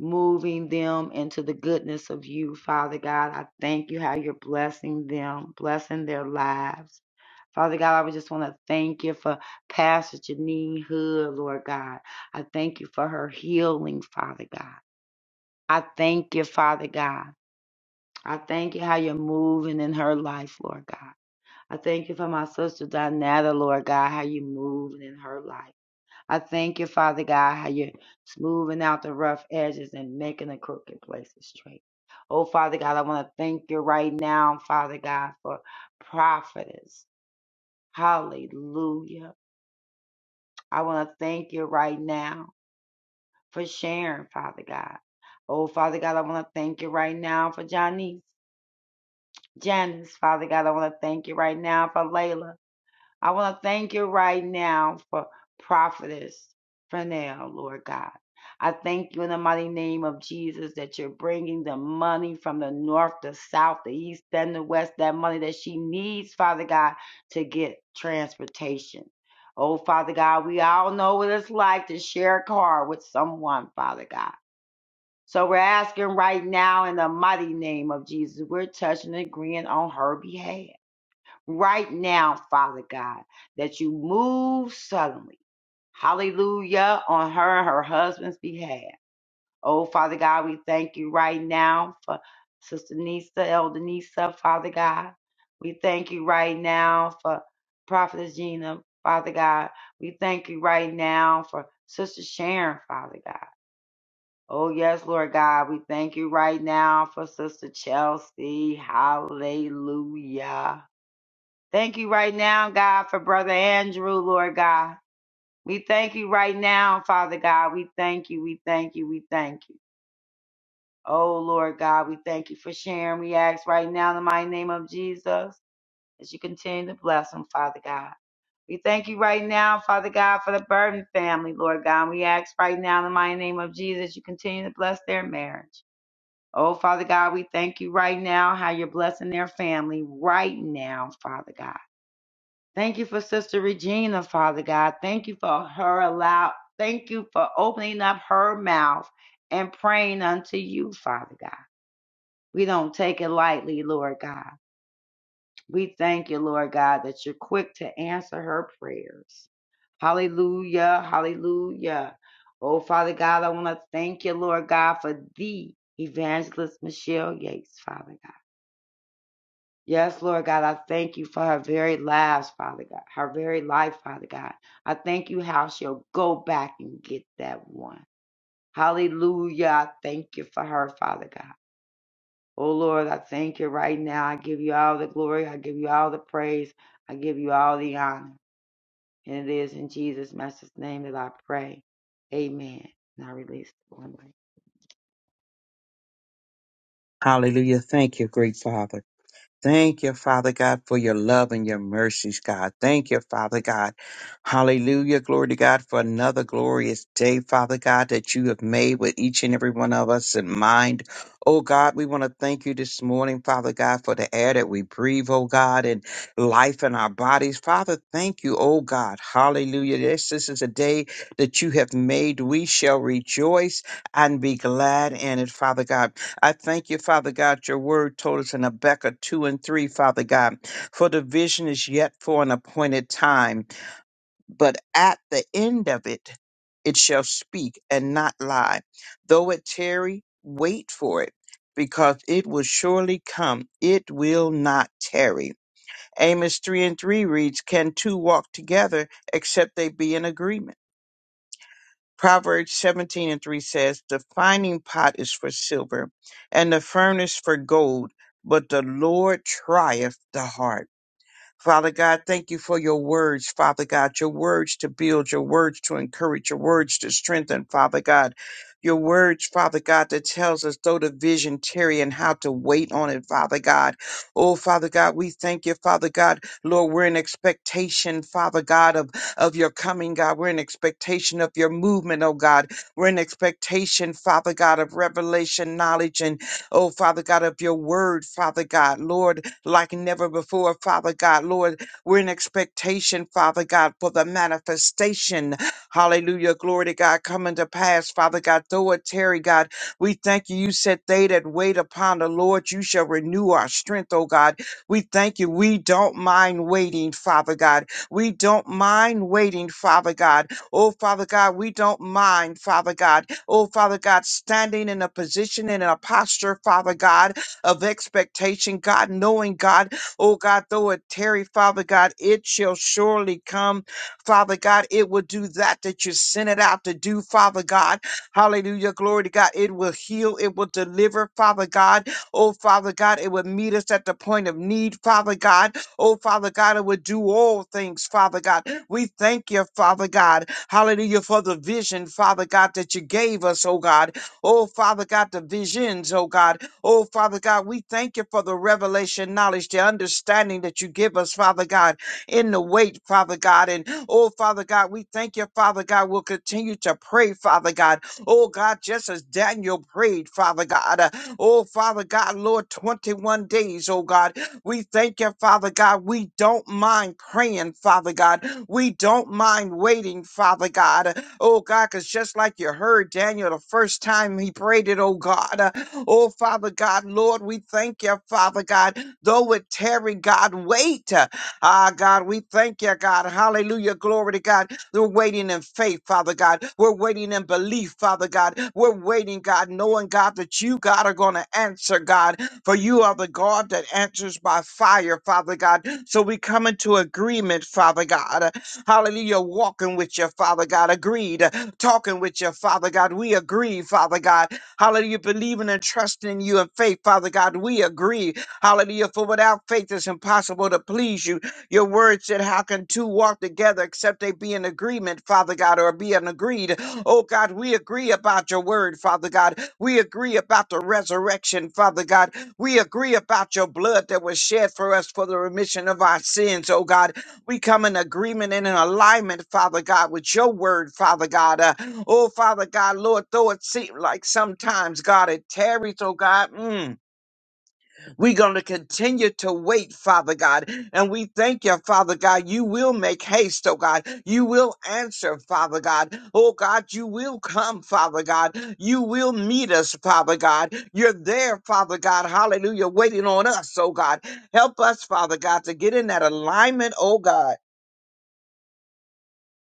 Speaker 4: moving them into the goodness of you, Father God. I thank you how you're blessing them, blessing their lives. Father God, I would just want to thank you for Pastor Janine Hood, Lord God. I thank you for her healing, Father God. I thank you, Father God. I thank you how you're moving in her life, Lord God. I thank you for my sister Donata, Lord God, how you moving in her life. I thank you, Father God, how you're smoothing out the rough edges and making the crooked places straight. Oh, Father God, I want to thank you right now, Father God, for prophetess. Hallelujah. I want to thank you right now for sharing, Father God. Oh, Father God, I want to thank you right now for Janice. Janice, Father God, I want to thank you right now for Layla. I want to thank you right now for prophetess Fernell, Lord God. I thank you in the mighty name of Jesus that you're bringing the money from the north, the south, the east, and the west, that money that she needs, Father God, to get transportation. Oh, Father God, we all know what it's like to share a car with someone, Father God. So we're asking right now in the mighty name of Jesus, we're touching and agreeing on her behalf right now, Father God, that you move suddenly. Hallelujah on her and her husband's behalf. Oh, Father God, we thank you right now for Sister Nisa, Elder Nisa, Father God. We thank you right now for Prophetess Gina, Father God. We thank you right now for Sister Sharon, Father God. Oh, yes, Lord God. We thank you right now for Sister Chelsea. Hallelujah. Thank you right now, God, for Brother Andrew, Lord God. We thank you right now, Father God. We thank you. We thank you. We thank you. Oh, Lord God, we thank you for sharing. We ask right now in the mighty name of Jesus as you continue to bless them, Father God. We thank you right now, Father God, for the Burden family, Lord God. We ask right now in the mighty name of Jesus you continue to bless their marriage. Oh, Father God, we thank you right now how you're blessing their family right now, Father God. Thank you for Sister Regina, Father God. Thank you for her allow. Thank you for opening up her mouth and praying unto you, Father God. We don't take it lightly, Lord God. We thank you, Lord God, that you're quick to answer her prayers. Hallelujah, hallelujah. Oh, Father God, I want to thank you, Lord God, for the evangelist Michelle Yates, Father God. Yes, Lord God, I thank you for her very lives, Father God, her very life, Father God. I thank you how she'll go back and get that one. Hallelujah. I thank you for her, Father God. Oh, Lord, I thank you right now. I give you all the glory. I give you all the praise. I give you all the honor. And it is in Jesus' master's name that I pray. Amen. And I release the one way.
Speaker 5: Hallelujah. Thank you, great Father. Thank you, Father God, for your love and your mercies, God. Thank you, Father God. Hallelujah. Glory to God for another glorious day, Father God, that you have made with each and every one of us in mind. Oh God, we want to thank you this morning, Father God, for the air that we breathe, oh God, and life in our bodies. Father, thank you, oh God. Hallelujah. This, this is a day that you have made. We shall rejoice and be glad in it, Father God. I thank you, Father God. Your word told us in Habakkuk 2 and 3, Father God, for the vision is yet for an appointed time, but at the end of it, it shall speak and not lie. Though it tarry, wait for it, because it will surely come. It will not tarry. Amos 3 and 3 reads, Can two walk together except they be in agreement? Proverbs 17 and 3 says, The finding pot is for silver, and the furnace for gold, but the Lord trieth the heart. Father God, thank you for your words, Father God, your words to build, your words to encourage, your words to strengthen, Father God. Your words, Father God, that tells us though the vision tarry and how to wait on it, Father God. Oh, Father God, we thank you, Father God. Lord, we're in expectation, Father God, of, of your coming, God. We're in expectation of your movement, oh God. We're in expectation, Father God, of revelation, knowledge, and. Oh, Father God, of your word, Father God, Lord, like never before, Father God, Lord, we're in expectation, Father God, for the manifestation. Hallelujah. Glory to God coming to pass, Father God, though it tarry, God. We thank you. You said, They that wait upon the Lord, you shall renew our strength, oh God. We thank you. We don't mind waiting, Father God. We don't mind waiting, Father God. Oh, Father God, we don't mind, Father God. Oh, Father God, standing in a position and in a posture, Father God, of expectation, God, knowing, God, oh, God, though it tarry, Father God, it shall surely come. Father God, it will do that that you sent it out to do, Father God. Hallelujah. Glory to God. It will heal. It will deliver, Father God. Oh, Father God, it will meet us at the point of need, Father God. Oh, Father God, it will do all things, Father God. We thank you, Father God. Hallelujah for the vision, Father God, that you gave us, oh God. Oh, Father God, the visions, oh God. Oh, Father God, we thank you for the revelation, knowledge, the understanding that you give us, Father God, in the wait, Father God. And oh, Father God, we thank you, Father God. We'll continue to pray, Father God. Oh, God, just as Daniel prayed, Father God. Uh, Oh, Father God, Lord, 21 days, oh God. We thank you, Father God. We don't mind praying, Father God. We don't mind waiting, Father God. Oh God, because just like you heard Daniel the first time he prayed it, oh God. uh, Oh Father God, Lord, we thank you, Father God. Though it tarry, God, wait. uh, Ah, God, we thank you, God. Hallelujah. Glory to God. We're waiting in faith, Father God. We're waiting in belief, Father God. We're waiting, God, knowing, God, that you, God, are going to answer, God. For you are the God that answers by fire, Father God. So we come into agreement, Father God. Hallelujah. Walking with you, Father God. Agreed. Talking with you, Father God. We agree, Father God. Hallelujah. Believing and trusting you in faith, Father God. We agree. Hallelujah. For without faith, it's impossible to please you. Your word said, How can two walk together except they be in agreement, Father God, or be in agreed? Oh God, we agree about your word, Father God. We agree about the resurrection, Father God. We agree about your blood that was shed for us for the remission of our sins, oh God. We come in agreement and in alignment, Father God, with your word, Father God. Uh, oh, Father God, Lord, though it seems like sometimes, God, it tarries, oh God, mm, we're going to continue to wait, Father God. And we thank you, Father God, you will make haste, oh God. You will answer, Father God. Oh God, you will come, Father God. You will meet us, Father God. You're there, Father God. Hallelujah, waiting on us, oh God. Help us, Father God, to get in that alignment, oh God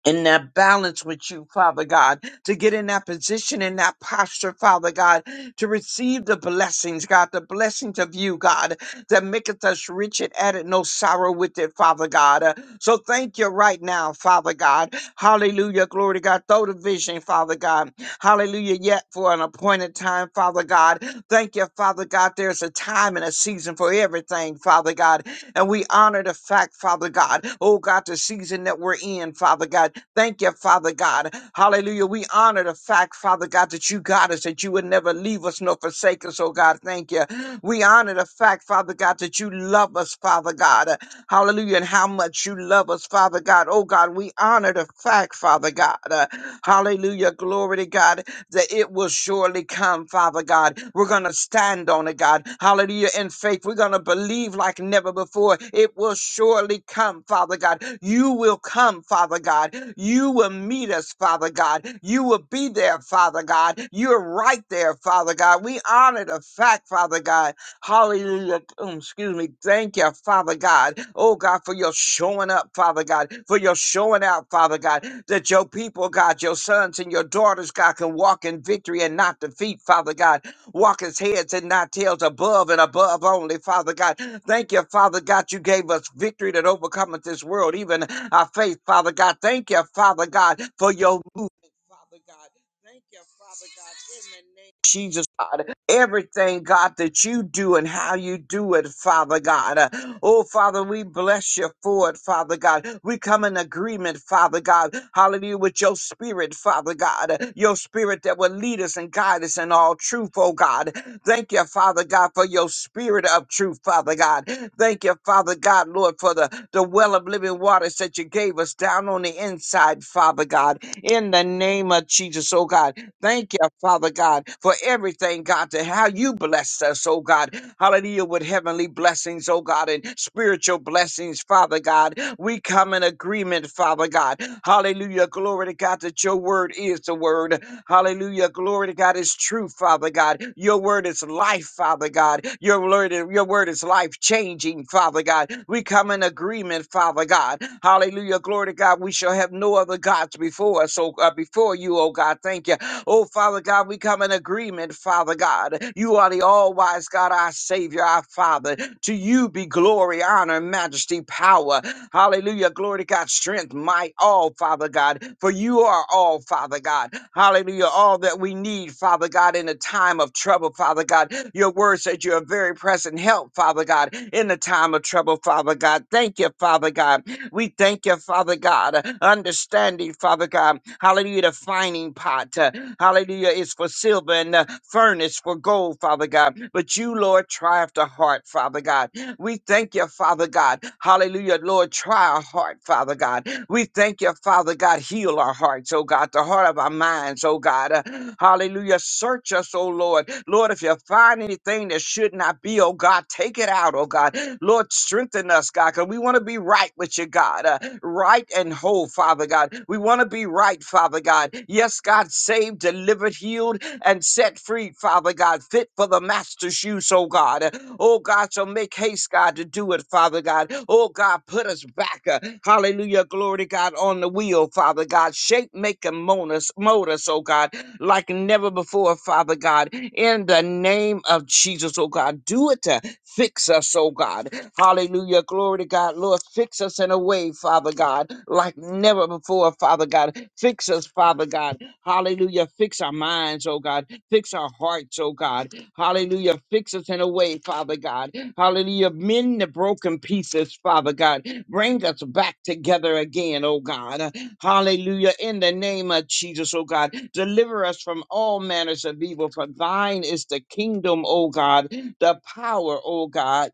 Speaker 5: in that balance with you, Father God, to get in that position, in that posture, Father God, to receive the blessings, God, the blessings of you, God, that maketh us rich and added no sorrow with it, Father God. Uh, so thank you right now, Father God. Hallelujah. Glory to God. Throw the vision, Father God. Hallelujah. Yet for an appointed time, Father God. Thank you, Father God. There's a time and a season for everything, Father God. And we honor the fact, Father God, oh God, the season that we're in, Father God. Thank you, Father God. Hallelujah. We honor the fact, Father God, that you got us, that you would never leave us nor forsake us, oh God. Thank you. We honor the fact, Father God, that you love us, Father God. Hallelujah. And how much you love us, Father God. Oh God, we honor the fact, Father God. Uh, Hallelujah. Glory to God that it will surely come, Father God. We're going to stand on it, God. Hallelujah. In faith, we're going to believe like never before. It will surely come, Father God. You will come, Father God. You will meet us, Father God. You will be there, Father God. You're right there, Father God. We honor the fact, Father God Hallelujah. Um, excuse me. Thank you, Father God. Oh, God, for your showing up, Father God, for your showing out, Father God, that your people, God, your sons and your daughters, God, can walk in victory and not defeat, Father God. Walk as heads and not tails, above and above only, Father God. Thank you, Father God, you gave us victory that overcometh this world, even our faith, Father God. Thank you, Father God, for your movement, Father God. Thank you, Father God, in the name of Jesus, God everything, God, that you do and how you do it, Father God. Uh, Oh, Father, we bless you for it, Father God. We come in agreement, Father God. Hallelujah, with your spirit, Father God. Uh, Your spirit that will lead us and guide us in all truth, oh God. Thank you, Father God, for your spirit of truth, Father God. Thank you, Father God, Lord, for the, the well of living waters that you gave us down on the inside, Father God. In the name of Jesus, oh God. Thank you, Father God, for everything, God, to how you blessed us, oh God. Hallelujah, with heavenly blessings, oh God, and spiritual blessings, Father God. We come in agreement, Father God. Hallelujah, glory to God that your word is the word. Hallelujah. Glory to God is true, Father God. Your word is life, Father God. Your word, your word is life changing, Father God. We come in agreement, Father God. Hallelujah. Glory to God. We shall have no other gods before us, oh, uh, before you, oh God. Thank you. Oh, Father God, we come in agreement, Father God. You are the all wise God, our our Savior, our Father. To you be glory, honor, majesty, power. Hallelujah. Glory to God, strength, might, all, Father God. For you are all, Father God. Hallelujah. All that we need, Father God, in a time of trouble, Father God. Your word says you're a very present help, Father God, in the time of trouble, Father God. Thank you, Father God. We thank you, Father God. Understanding, Father God. Hallelujah. The finding pot. uh, Hallelujah. Is for silver and the furnace for gold, Father God. But you, Lord, try after heart, Father God. We thank you, Father God. Hallelujah. Lord, try our heart, Father God. We thank you, Father God. Heal our hearts, oh God, the heart of our minds, oh God. Uh, hallelujah. Search us, oh Lord. Lord, if you find anything that should not be, oh God, take it out, oh God. Lord, strengthen us, God, because we want to be right with you, God. Uh, right and whole, Father God. We want to be right right, Father God. Yes, God, saved, delivered, healed, and set free, Father God, fit for the master's use, oh God. Oh God, so make haste, God, to do it, Father God. Oh God, put us back, uh, hallelujah, glory to God, on the wheel, Father God. Shape, make, and mold us, mold us, oh God like never before, Father God, in the name of Jesus, oh God. Do it to fix us, oh God. Hallelujah. Glory to God. Lord, fix us in a way, Father God, like never before, Father God. Fix us, Father God. Hallelujah. Fix our minds, oh God. Fix our hearts, oh God. Hallelujah. Fix us in a way, Father God. Hallelujah. Mend the broken pieces, Father God. Bring us back together again, oh God. Hallelujah. In the name of Jesus, oh God, deliver us from all manners of evil, for thine is the kingdom, oh God, the power, oh God.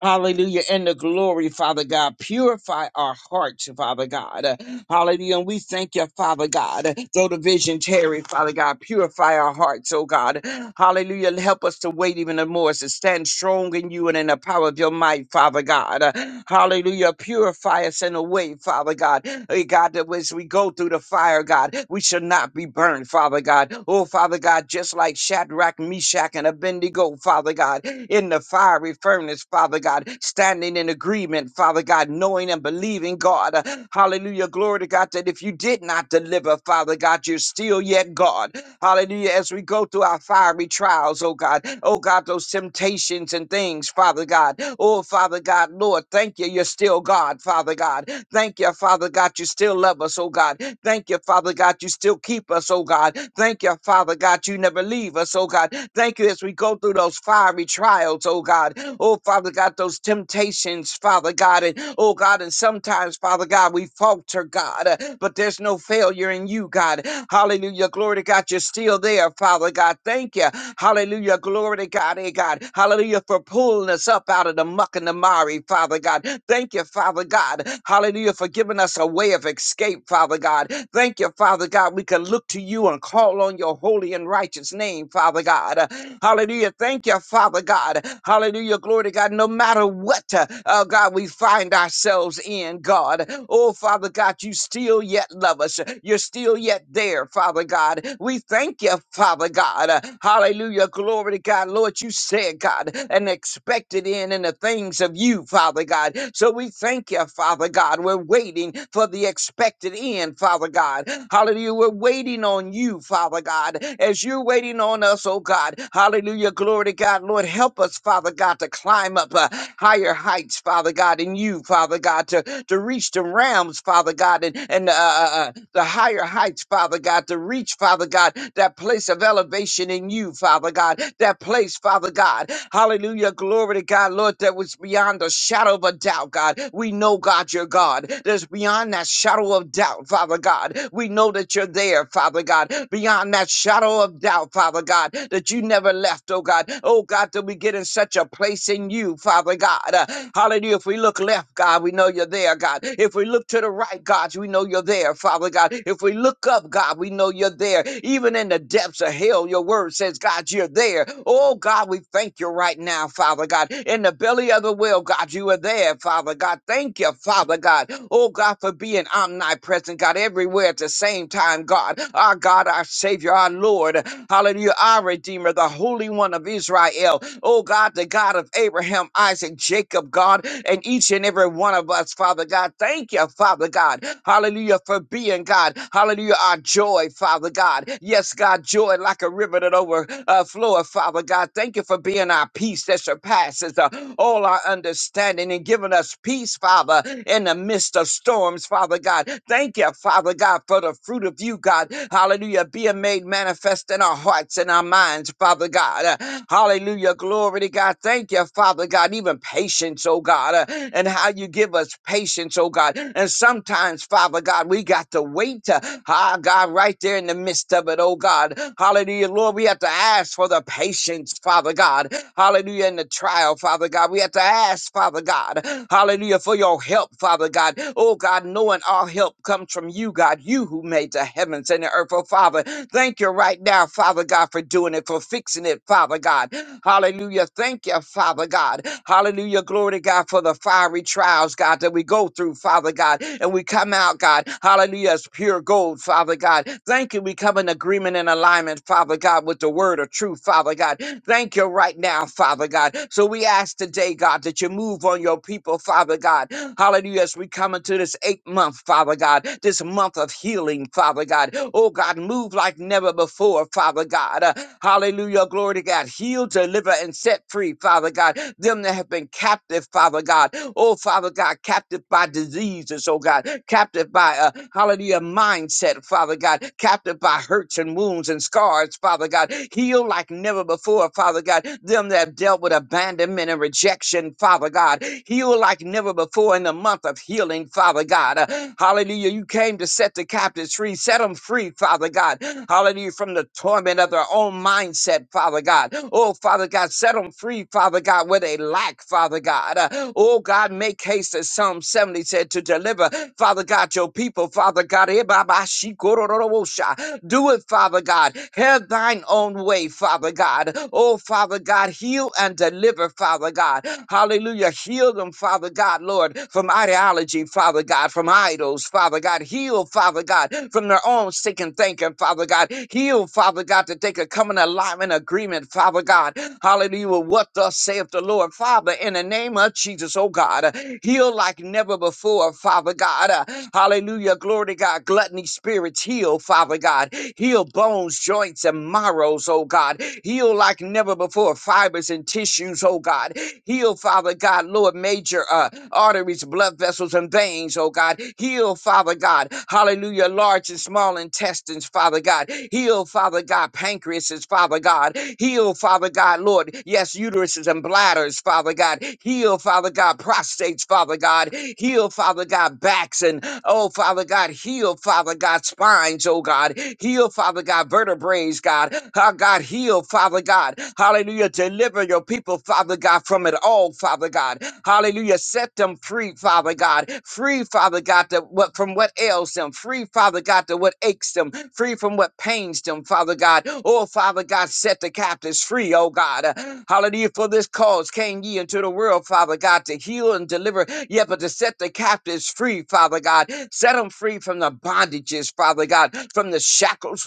Speaker 5: Hallelujah. And the glory, Father God. Purify our hearts, Father God. Hallelujah. And we thank you, Father God. Though the vision tarry, Father God, purify our hearts, oh God. Hallelujah. And Help us to wait even the more, to stand strong in you and in the power of your might, Father God. Hallelujah. Purify us in a way, Father God God. Hey, God, that as we go through the fire, God, we should not be burned, Father God. Oh, Father God, just like Shadrach, Meshach, and Abednego, Father God, in the fiery furnace, Father God, standing in agreement, Father God, knowing and believing, God. Uh, Hallelujah. Glory to God that if you did not deliver, Father God, you're still yet God. Hallelujah. As we go through our fiery trials, oh God, oh God, those temptations and things, Father God. Oh, Father God, Lord, thank you. You're still God, Father God. Thank you, Father God. You still love us, oh God. Thank you, Father God. You still keep us, oh God. Thank you, Father God. You never leave us, oh God. Thank you as we go through those fiery trials, oh God. Oh, Father God, those temptations, Father God. And oh God, and sometimes, Father God, we falter, God, uh, but there's no failure in you, God. Hallelujah. Glory to God. You're is still there, Father God. Thank you. Hallelujah. Glory to God, eh, God. Hallelujah for pulling us up out of the muck and the miry, Father God. Thank you, Father God. Hallelujah for giving us a way of escape, Father God. Thank you, Father God. We can look to you and call on your holy and righteous name, Father God. Hallelujah. Thank you, Father God. Hallelujah. Glory to God. No matter what, uh, uh, God, we find ourselves in, God. Oh, Father God, you still yet love us. You're still yet there, Father God. We thank you, Father God. Uh, Hallelujah. Glory to God. Lord, you said, God, and expected in in the things of you, Father God. So we thank you, Father God. We're waiting for the expected end, Father God. Hallelujah. We're waiting on you, Father God, as you're waiting on us, oh God. Hallelujah. Glory to God. Lord, help us, Father God, to climb up uh, higher heights, Father God, in you, Father God, to, to reach the realms, Father God, and, and uh, uh, uh, the higher heights, Father God, to reach, Father God, that place of elevation in you, Father God, that place, Father God. Hallelujah. Glory to God, Lord, that was beyond a shadow of a doubt, God. We know, God, you're God. That's beyond that shadow of doubt, Father God. We know that you're there, Father God. Beyond that shadow of doubt, Father God, that you never left, oh God. Oh God, that we get in such a place in you, Father God. Uh, hallelujah. If we look left, God, we know you're there, God. If we look to the right, God, we know you're there, Father God. If we look up, God, we know you're there. Even even in the depths of hell, your word says, God, you're there. Oh, God, we thank you right now, Father God. In the belly of the whale, God, you are there, Father God. Thank you, Father God. Oh, God, for being omnipresent, God, everywhere at the same time, God. Our God, our Savior, our Lord. Hallelujah. Our Redeemer, the Holy One of Israel. Oh, God, the God of Abraham, Isaac, Jacob, God, and each and every one of us, Father God. Thank you, Father God. Hallelujah, for being God. Hallelujah, our joy, Father God. Yes, God, joy like a river that overfloweth, Father God. Thank you for being our peace that surpasses uh, all our understanding and giving us peace, Father, in the midst of storms, Father God. Thank you, Father God, for the fruit of you, God. Hallelujah. Being made manifest in our hearts and our minds, Father God. Uh, hallelujah. Glory to God. Thank you, Father God. Even patience, oh God, uh, and how you give us patience, oh God. And sometimes, Father God, we got to wait to, ah, God, right there in the midst of it, it, oh God. Hallelujah. Lord, we have to ask for the patience, Father God. Hallelujah. In the trial, Father God. We have to ask, Father God. Hallelujah. For your help, Father God. Oh God, knowing our help comes from you, God. You who made the heavens and the earth, oh Father. Thank you right now, Father God, for doing it, for fixing it, Father God. Hallelujah. Thank you, Father God. Hallelujah. Glory to God for the fiery trials, God, that we go through, Father God, and we come out, God. Hallelujah. It's pure gold, Father God. Thank you. We come in agreement agreement and alignment, Father God, with the word of truth, Father God. Thank you right now, Father God. So we ask today, God, that you move on your people, Father God. Hallelujah. As we come into this eighth month, Father God, this month of healing, Father God. Oh, God, move like never before, Father God. Uh, hallelujah. Glory to God. Heal, deliver, and set free, Father God. Them that have been captive, Father God. Oh, Father God, captive by diseases, oh God. Captive by, uh, hallelujah, mindset, Father God. Captive by hurts and hurts and wounds and scars, Father God. Heal like never before, Father God. Them that have dealt with abandonment and rejection, Father God. Heal like never before in the month of healing, Father God. Uh, hallelujah. You came to set the captives free. Set them free, Father God. Hallelujah. From the torment of their own mindset, Father God. Oh, Father God, set them free, Father God, where they lack, Father God. Uh, oh, God, make haste, as Psalm 70 said, to deliver, Father God, your people, Father God. Eh, bah, bah, she, go, do, do, do, wo, sha. Do it Father God. Have thine own way, Father God. Oh, Father God, heal and deliver, Father God. Hallelujah. Heal them, Father God, Lord, from ideology, Father God, from idols, Father God. Heal, Father God, from their own sick and thinking, Father God. Heal, Father God, that they could come in alignment agreement, Father God. Hallelujah. with What thus saith the Lord, Father, in the name of Jesus, oh God. uh, Heal like never before, Father God. uh, Hallelujah. Glory to God. Gluttony spirits heal, Father God. Heal Heal bones, joints, and marrows, oh God. Heal like never before, fibers and tissues, oh God. Heal, Father God, Lord, major uh, arteries, blood vessels, and veins, oh God. Heal, Father God. Hallelujah, large and small intestines, Father God. Heal, Father God, pancreases, Father God. Heal, Father God, Lord. Yes, uteruses and bladders, Father God. Heal, Father God, prostates, Father God. Heal, Father God, backs and Oh, Father God, heal, Father God, spines, oh God. Heal, Father God, vertebrae, God. How God heal, Father God. Hallelujah. Deliver your people, Father God, from it all, Father God. Hallelujah. Set them free, Father God. Free, Father God, to what from what ails them. Free, Father God, to what aches them. Free from what pains them, Father God. Oh, Father God, set the captives free, oh God. Hallelujah. For this cause came ye into the world, Father God, to heal and deliver. Yeah, but to set the captives free, Father God. Set them free from the bondages, Father God, from the shackles,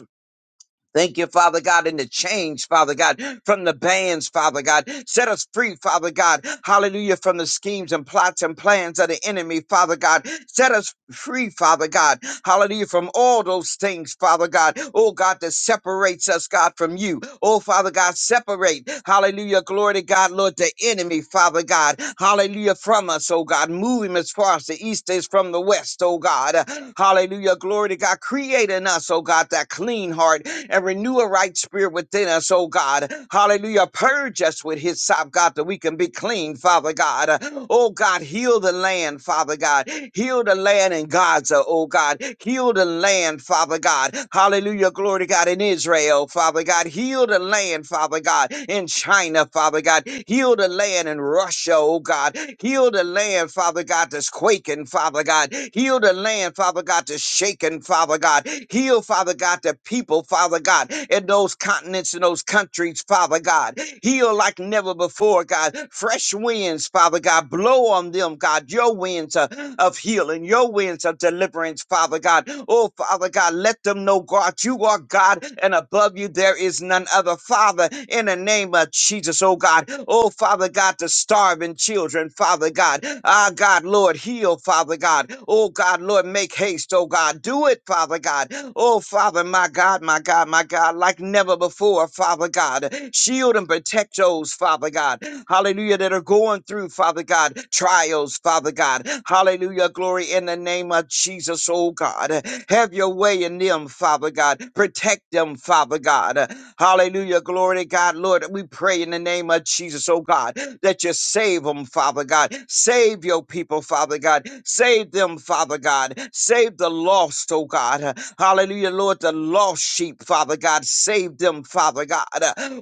Speaker 5: Thank you, Father God, in the change, Father God, from the bands, Father God. Set us free, Father God. Hallelujah, from the schemes and plots and plans of the enemy, Father God. Set us free, Father God. Hallelujah, from all those things, Father God. Oh, God, that separates us, God, from you. Oh, Father God, separate. Hallelujah, glory to God, Lord, the enemy, Father God. Hallelujah, from us, oh God. Move him as far as the east is from the west, oh God. Hallelujah, glory glory to God. Create in us, oh God, that clean heart and renew a right spirit within us, oh God. Hallelujah. Purge us with his sop, God, that we can be clean, Father God. Oh God, heal the land, Father God. Heal the land in Gaza, oh God. Heal the land, Father God. Hallelujah. Glory to God in Israel, Father God. Heal the land, Father God, in China, Father God. Heal the land in Russia, oh God. Heal the land, Father God, that's quaking shaken, Father God. Heal the land, Father God, to shaken, Father God. Heal, Father God, the people, Father God, in those continents and those countries, Father God. Heal like never before, God. Fresh winds, Father God. Blow on them, God. Your winds of, of healing, your winds of deliverance, Father God. Oh, Father God, let them know, God, you are God, and above you there is none other. Father, in the name of Jesus, oh God. Oh, Father God, the starving starving children, Father God. Ah, God, Lord, heal, Father God. Oh, God, Lord, make haste, oh, God. Do it, Father God. Oh, Father, my God, my God, my God, like never before, Father God. Shield and protect those, Father God. Hallelujah, that are going through, Father God, trials, Father God. Hallelujah, glory in the name of Jesus, oh, God. Have your way in them, Father God. Protect them, Father God. Hallelujah, glory to God, Lord. Lord, we pray in the name of Jesus, oh God, that you save them, Father God. Save your people, Father God. Save them, Father God. Save the lost, oh God. Hallelujah, Lord, the lost sheep, Father God. Save them, Father God.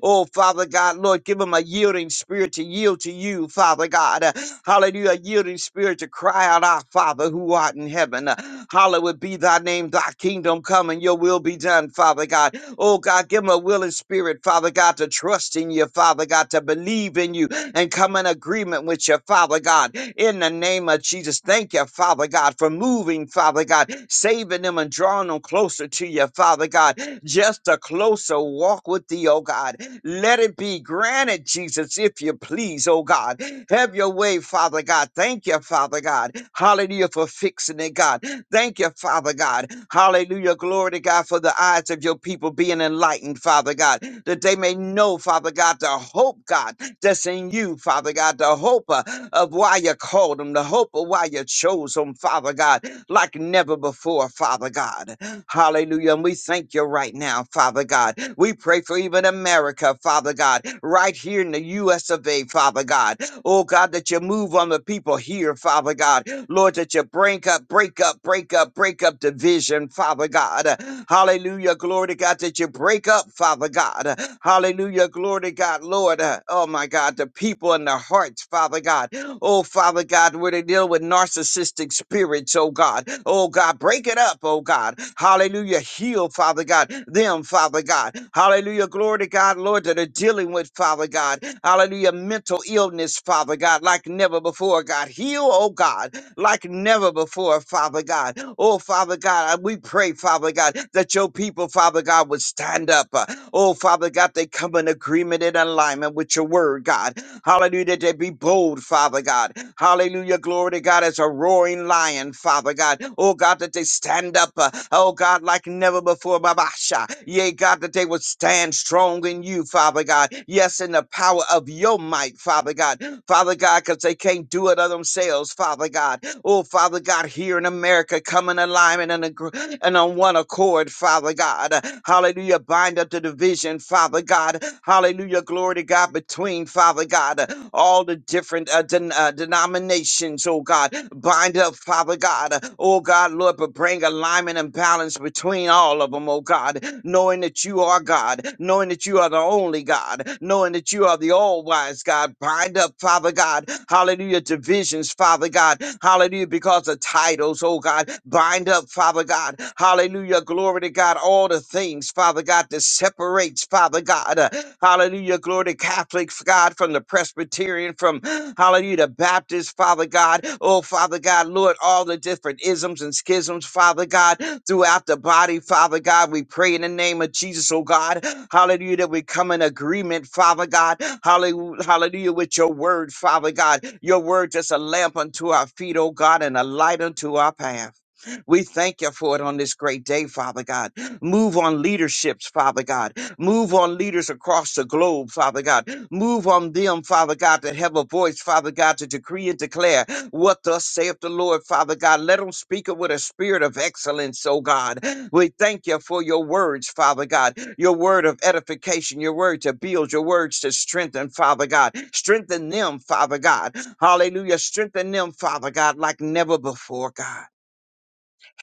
Speaker 5: Oh, Father God, Lord, give them a yielding spirit to yield to you, Father God. Hallelujah, a yielding spirit to cry out, Our Father who art in heaven. Hallowed be thy name, thy kingdom come, and your will be done, Father God. Oh God, give them a willing spirit, Father God, to trust in you, Father God, to believe in you and come in agreement with you, Father God. In the name of Jesus, thank you, Father God, for moving, Father God, saving them and drawing them closer to you, Father God. Just a closer walk with thee, oh God. Let it be granted, Jesus, if you please, oh God. Have your way, Father God. Thank you, Father God. Hallelujah for fixing it, God. Thank you, Father God. Hallelujah. Glory to God for the eyes of your people being enlightened, Father God, that they may know, Father God, the hope, God, that's in you, Father God, the hope uh, of why you called them, the hope of why you chose them, Father God, like never before, Father God. Hallelujah. And we thank you right now, Father God. We pray for even America, Father God, right here in the U.S. of A, Father God. Oh God, that you move on the people here, Father God. Lord, that you break up, break up, break up, break up division, Father God. Hallelujah. Glory to God that you break up, Father God. Hallelujah. Glory to God, Lord. Uh, Oh my God, the people in their hearts, Father God. Oh, Father God, where they deal with narcissistic spirits, oh God. Oh God, break it up, oh God. Hallelujah. Heal, Father God, them, Father God. Hallelujah. Glory to God, Lord, that are dealing with, Father God. Hallelujah. Mental illness, Father God, like never before, God. Heal, oh God like never before, Father God. Oh, Father God, I- we pray, Father God, that your people, Father God, would stand up. Uh, Oh, Father God, they come in agreement and alignment with your word, God. Hallelujah, that they be bold, Father God. Hallelujah, glory to God, as a roaring lion, Father God. Oh, God, that they stand up, uh, oh, God, like never before, Babasha. Yea, God, that they would stand strong in you, Father God. Yes, in the power of your might, Father God. Father God, because they can't do it of themselves, Father God. Oh, Father God, here in America, come in alignment and, agr- and on one accord, Father God. Hallelujah. Bind up the division, Father God. Hallelujah. Glory to God between, Father God, all the different uh, den- uh, denominations, oh God. Bind up, Father God. Oh God, Lord, but bring alignment and balance between all of them, oh God knowing that you are God, knowing that you are the only God, knowing that you are the all wise God. Bind up, Father God, hallelujah, divisions, Father God, hallelujah, because of titles, oh God. Bind up, Father God, hallelujah, glory to God, all the things, Father God, that separates, Father God, uh, hallelujah, glory to Catholic God from the Presbyterian. Presbyterian, from hallelujah to Baptist, Father God. Oh, Father God, Lord, all the different isms and schisms, Father God, throughout the body, Father God. We pray in the name of Jesus, oh God, hallelujah, that we come in agreement, Father God, hallelujah, hallelujah, with your word, Father God. Your word just a lamp unto our feet, oh God, and a light unto our path. We thank you for it on this great day, Father God. Move on leaderships, Father God. Move on leaders across the globe, Father God. Move on them, Father God, that have a voice, Father God, to decree and declare what thus saith the Lord, Father God. Let them speak it with a spirit of excellence, oh God. We thank you for your words, Father God, your word of edification, your word to build, your words to strengthen, Father God. Strengthen them, Father God. Hallelujah. Strengthen them, Father God, like never before, God.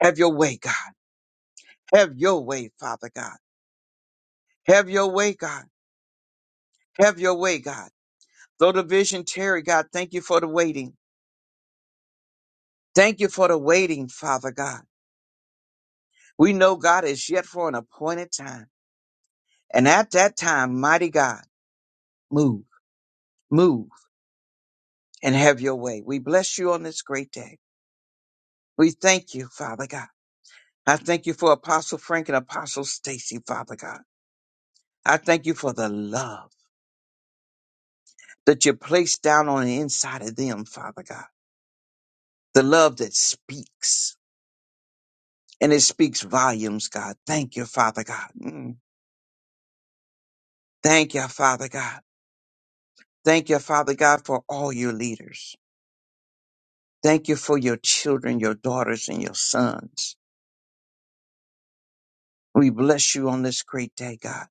Speaker 5: Have your way, God. Have your way, Father God. Have your way, God. Have your way, God. Though the vision tarry, God, thank you for the waiting. Thank you for the waiting, Father God. We know God is yet for an appointed time. And at that time, mighty God, move, move and have your way. We bless you on this great day. We thank you, Father God. I thank you for Apostle Frank and Apostle Stacy, Father God. I thank you for the love that you placed down on the inside of them, Father God. The love that speaks and it speaks volumes, God. Thank you, Father God. Mm. Thank you, Father God. Thank you, Father God, for all your leaders. Thank you for your children, your daughters, and your sons. We bless you on this great day, God.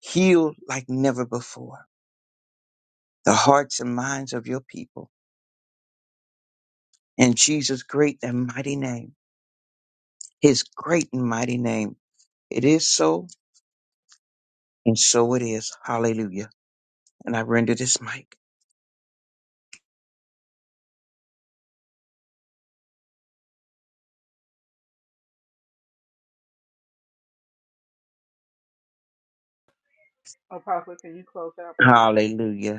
Speaker 5: Heal like never before the hearts and minds of your people. In Jesus' great and mighty name, his great and mighty name, it is so, and so it is. Hallelujah. And I render this mic.
Speaker 2: Apostle, can you close out, please?
Speaker 5: Hallelujah.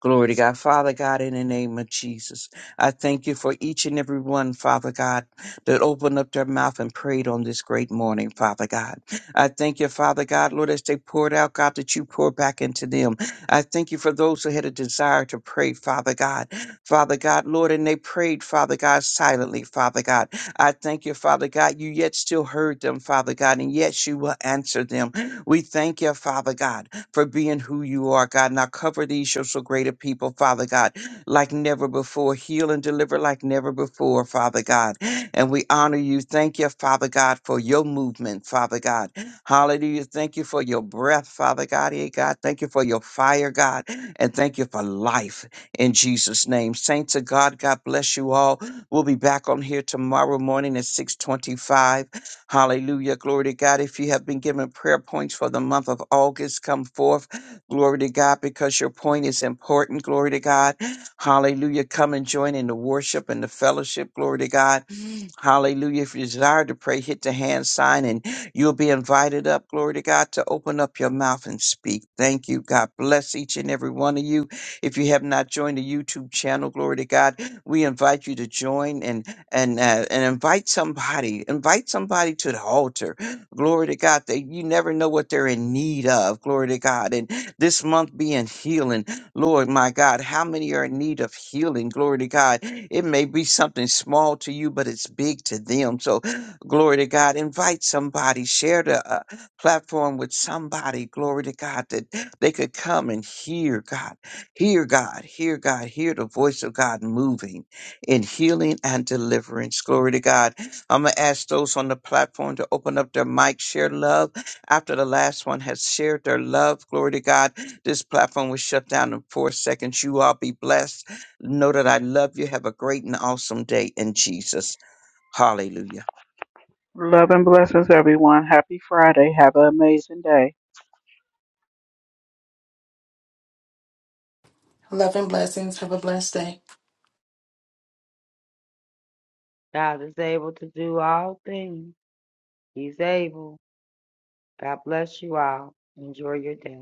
Speaker 5: Glory to God. Father God, in the name of Jesus, I thank you for each and every one, Father God, that opened up their mouth and prayed on this great morning, Father God. I thank you, Father God, Lord, as they poured out, God, that you pour back into them. I thank you for those who had a desire to pray, Father God. Father God, Lord, and they prayed, Father God, silently, Father God. I thank you, Father God, you yet still heard them, Father God, and yet you will answer them. We thank you, Father God for being who you are, God. Now cover these your so greater people, Father God, like never before. Heal and deliver like never before, Father God. And we honor you. Thank you, Father God, for your movement, Father God. Hallelujah. Thank you for your breath, Father God. Hey, God. Thank you for your fire, God. And thank you for life in Jesus' name. Saints of God, God bless you all. We'll be back on here tomorrow morning at 625. Hallelujah. Glory to God. If you have been given prayer points for the month of August, come forth. Glory to God, because your point is important. Glory to God. Hallelujah. Come and join in the worship and the fellowship. Glory to God. Mm. Hallelujah. If you desire to pray, hit the hand sign and you'll be invited up. Glory to God to open up your mouth and speak. Thank you. God bless each and every one of you. If you have not joined the YouTube channel, glory to God, we invite you to join. and and uh, and invite somebody invite somebody to the altar glory to god that you never know what they're in need of glory to god and this month being healing lord my god how many are in need of healing glory to god it may be something small to you but it's big to them so glory to god invite somebody share the uh, platform with somebody glory to god that they could come and hear god hear god hear god hear the voice of god moving in healing and deliverance. Glory to God. I'm going to ask those on the platform to open up their mic, share love. After the last one has shared their love, glory to God, this platform was shut down in four seconds. You all be blessed. Know that I love you. Have a great and awesome day in Jesus. Hallelujah.
Speaker 2: Love and blessings, everyone. Happy Friday. Have an amazing day.
Speaker 3: Love and blessings. Have a blessed day.
Speaker 4: God is able to do all things. He's able. God bless you all. Enjoy your day.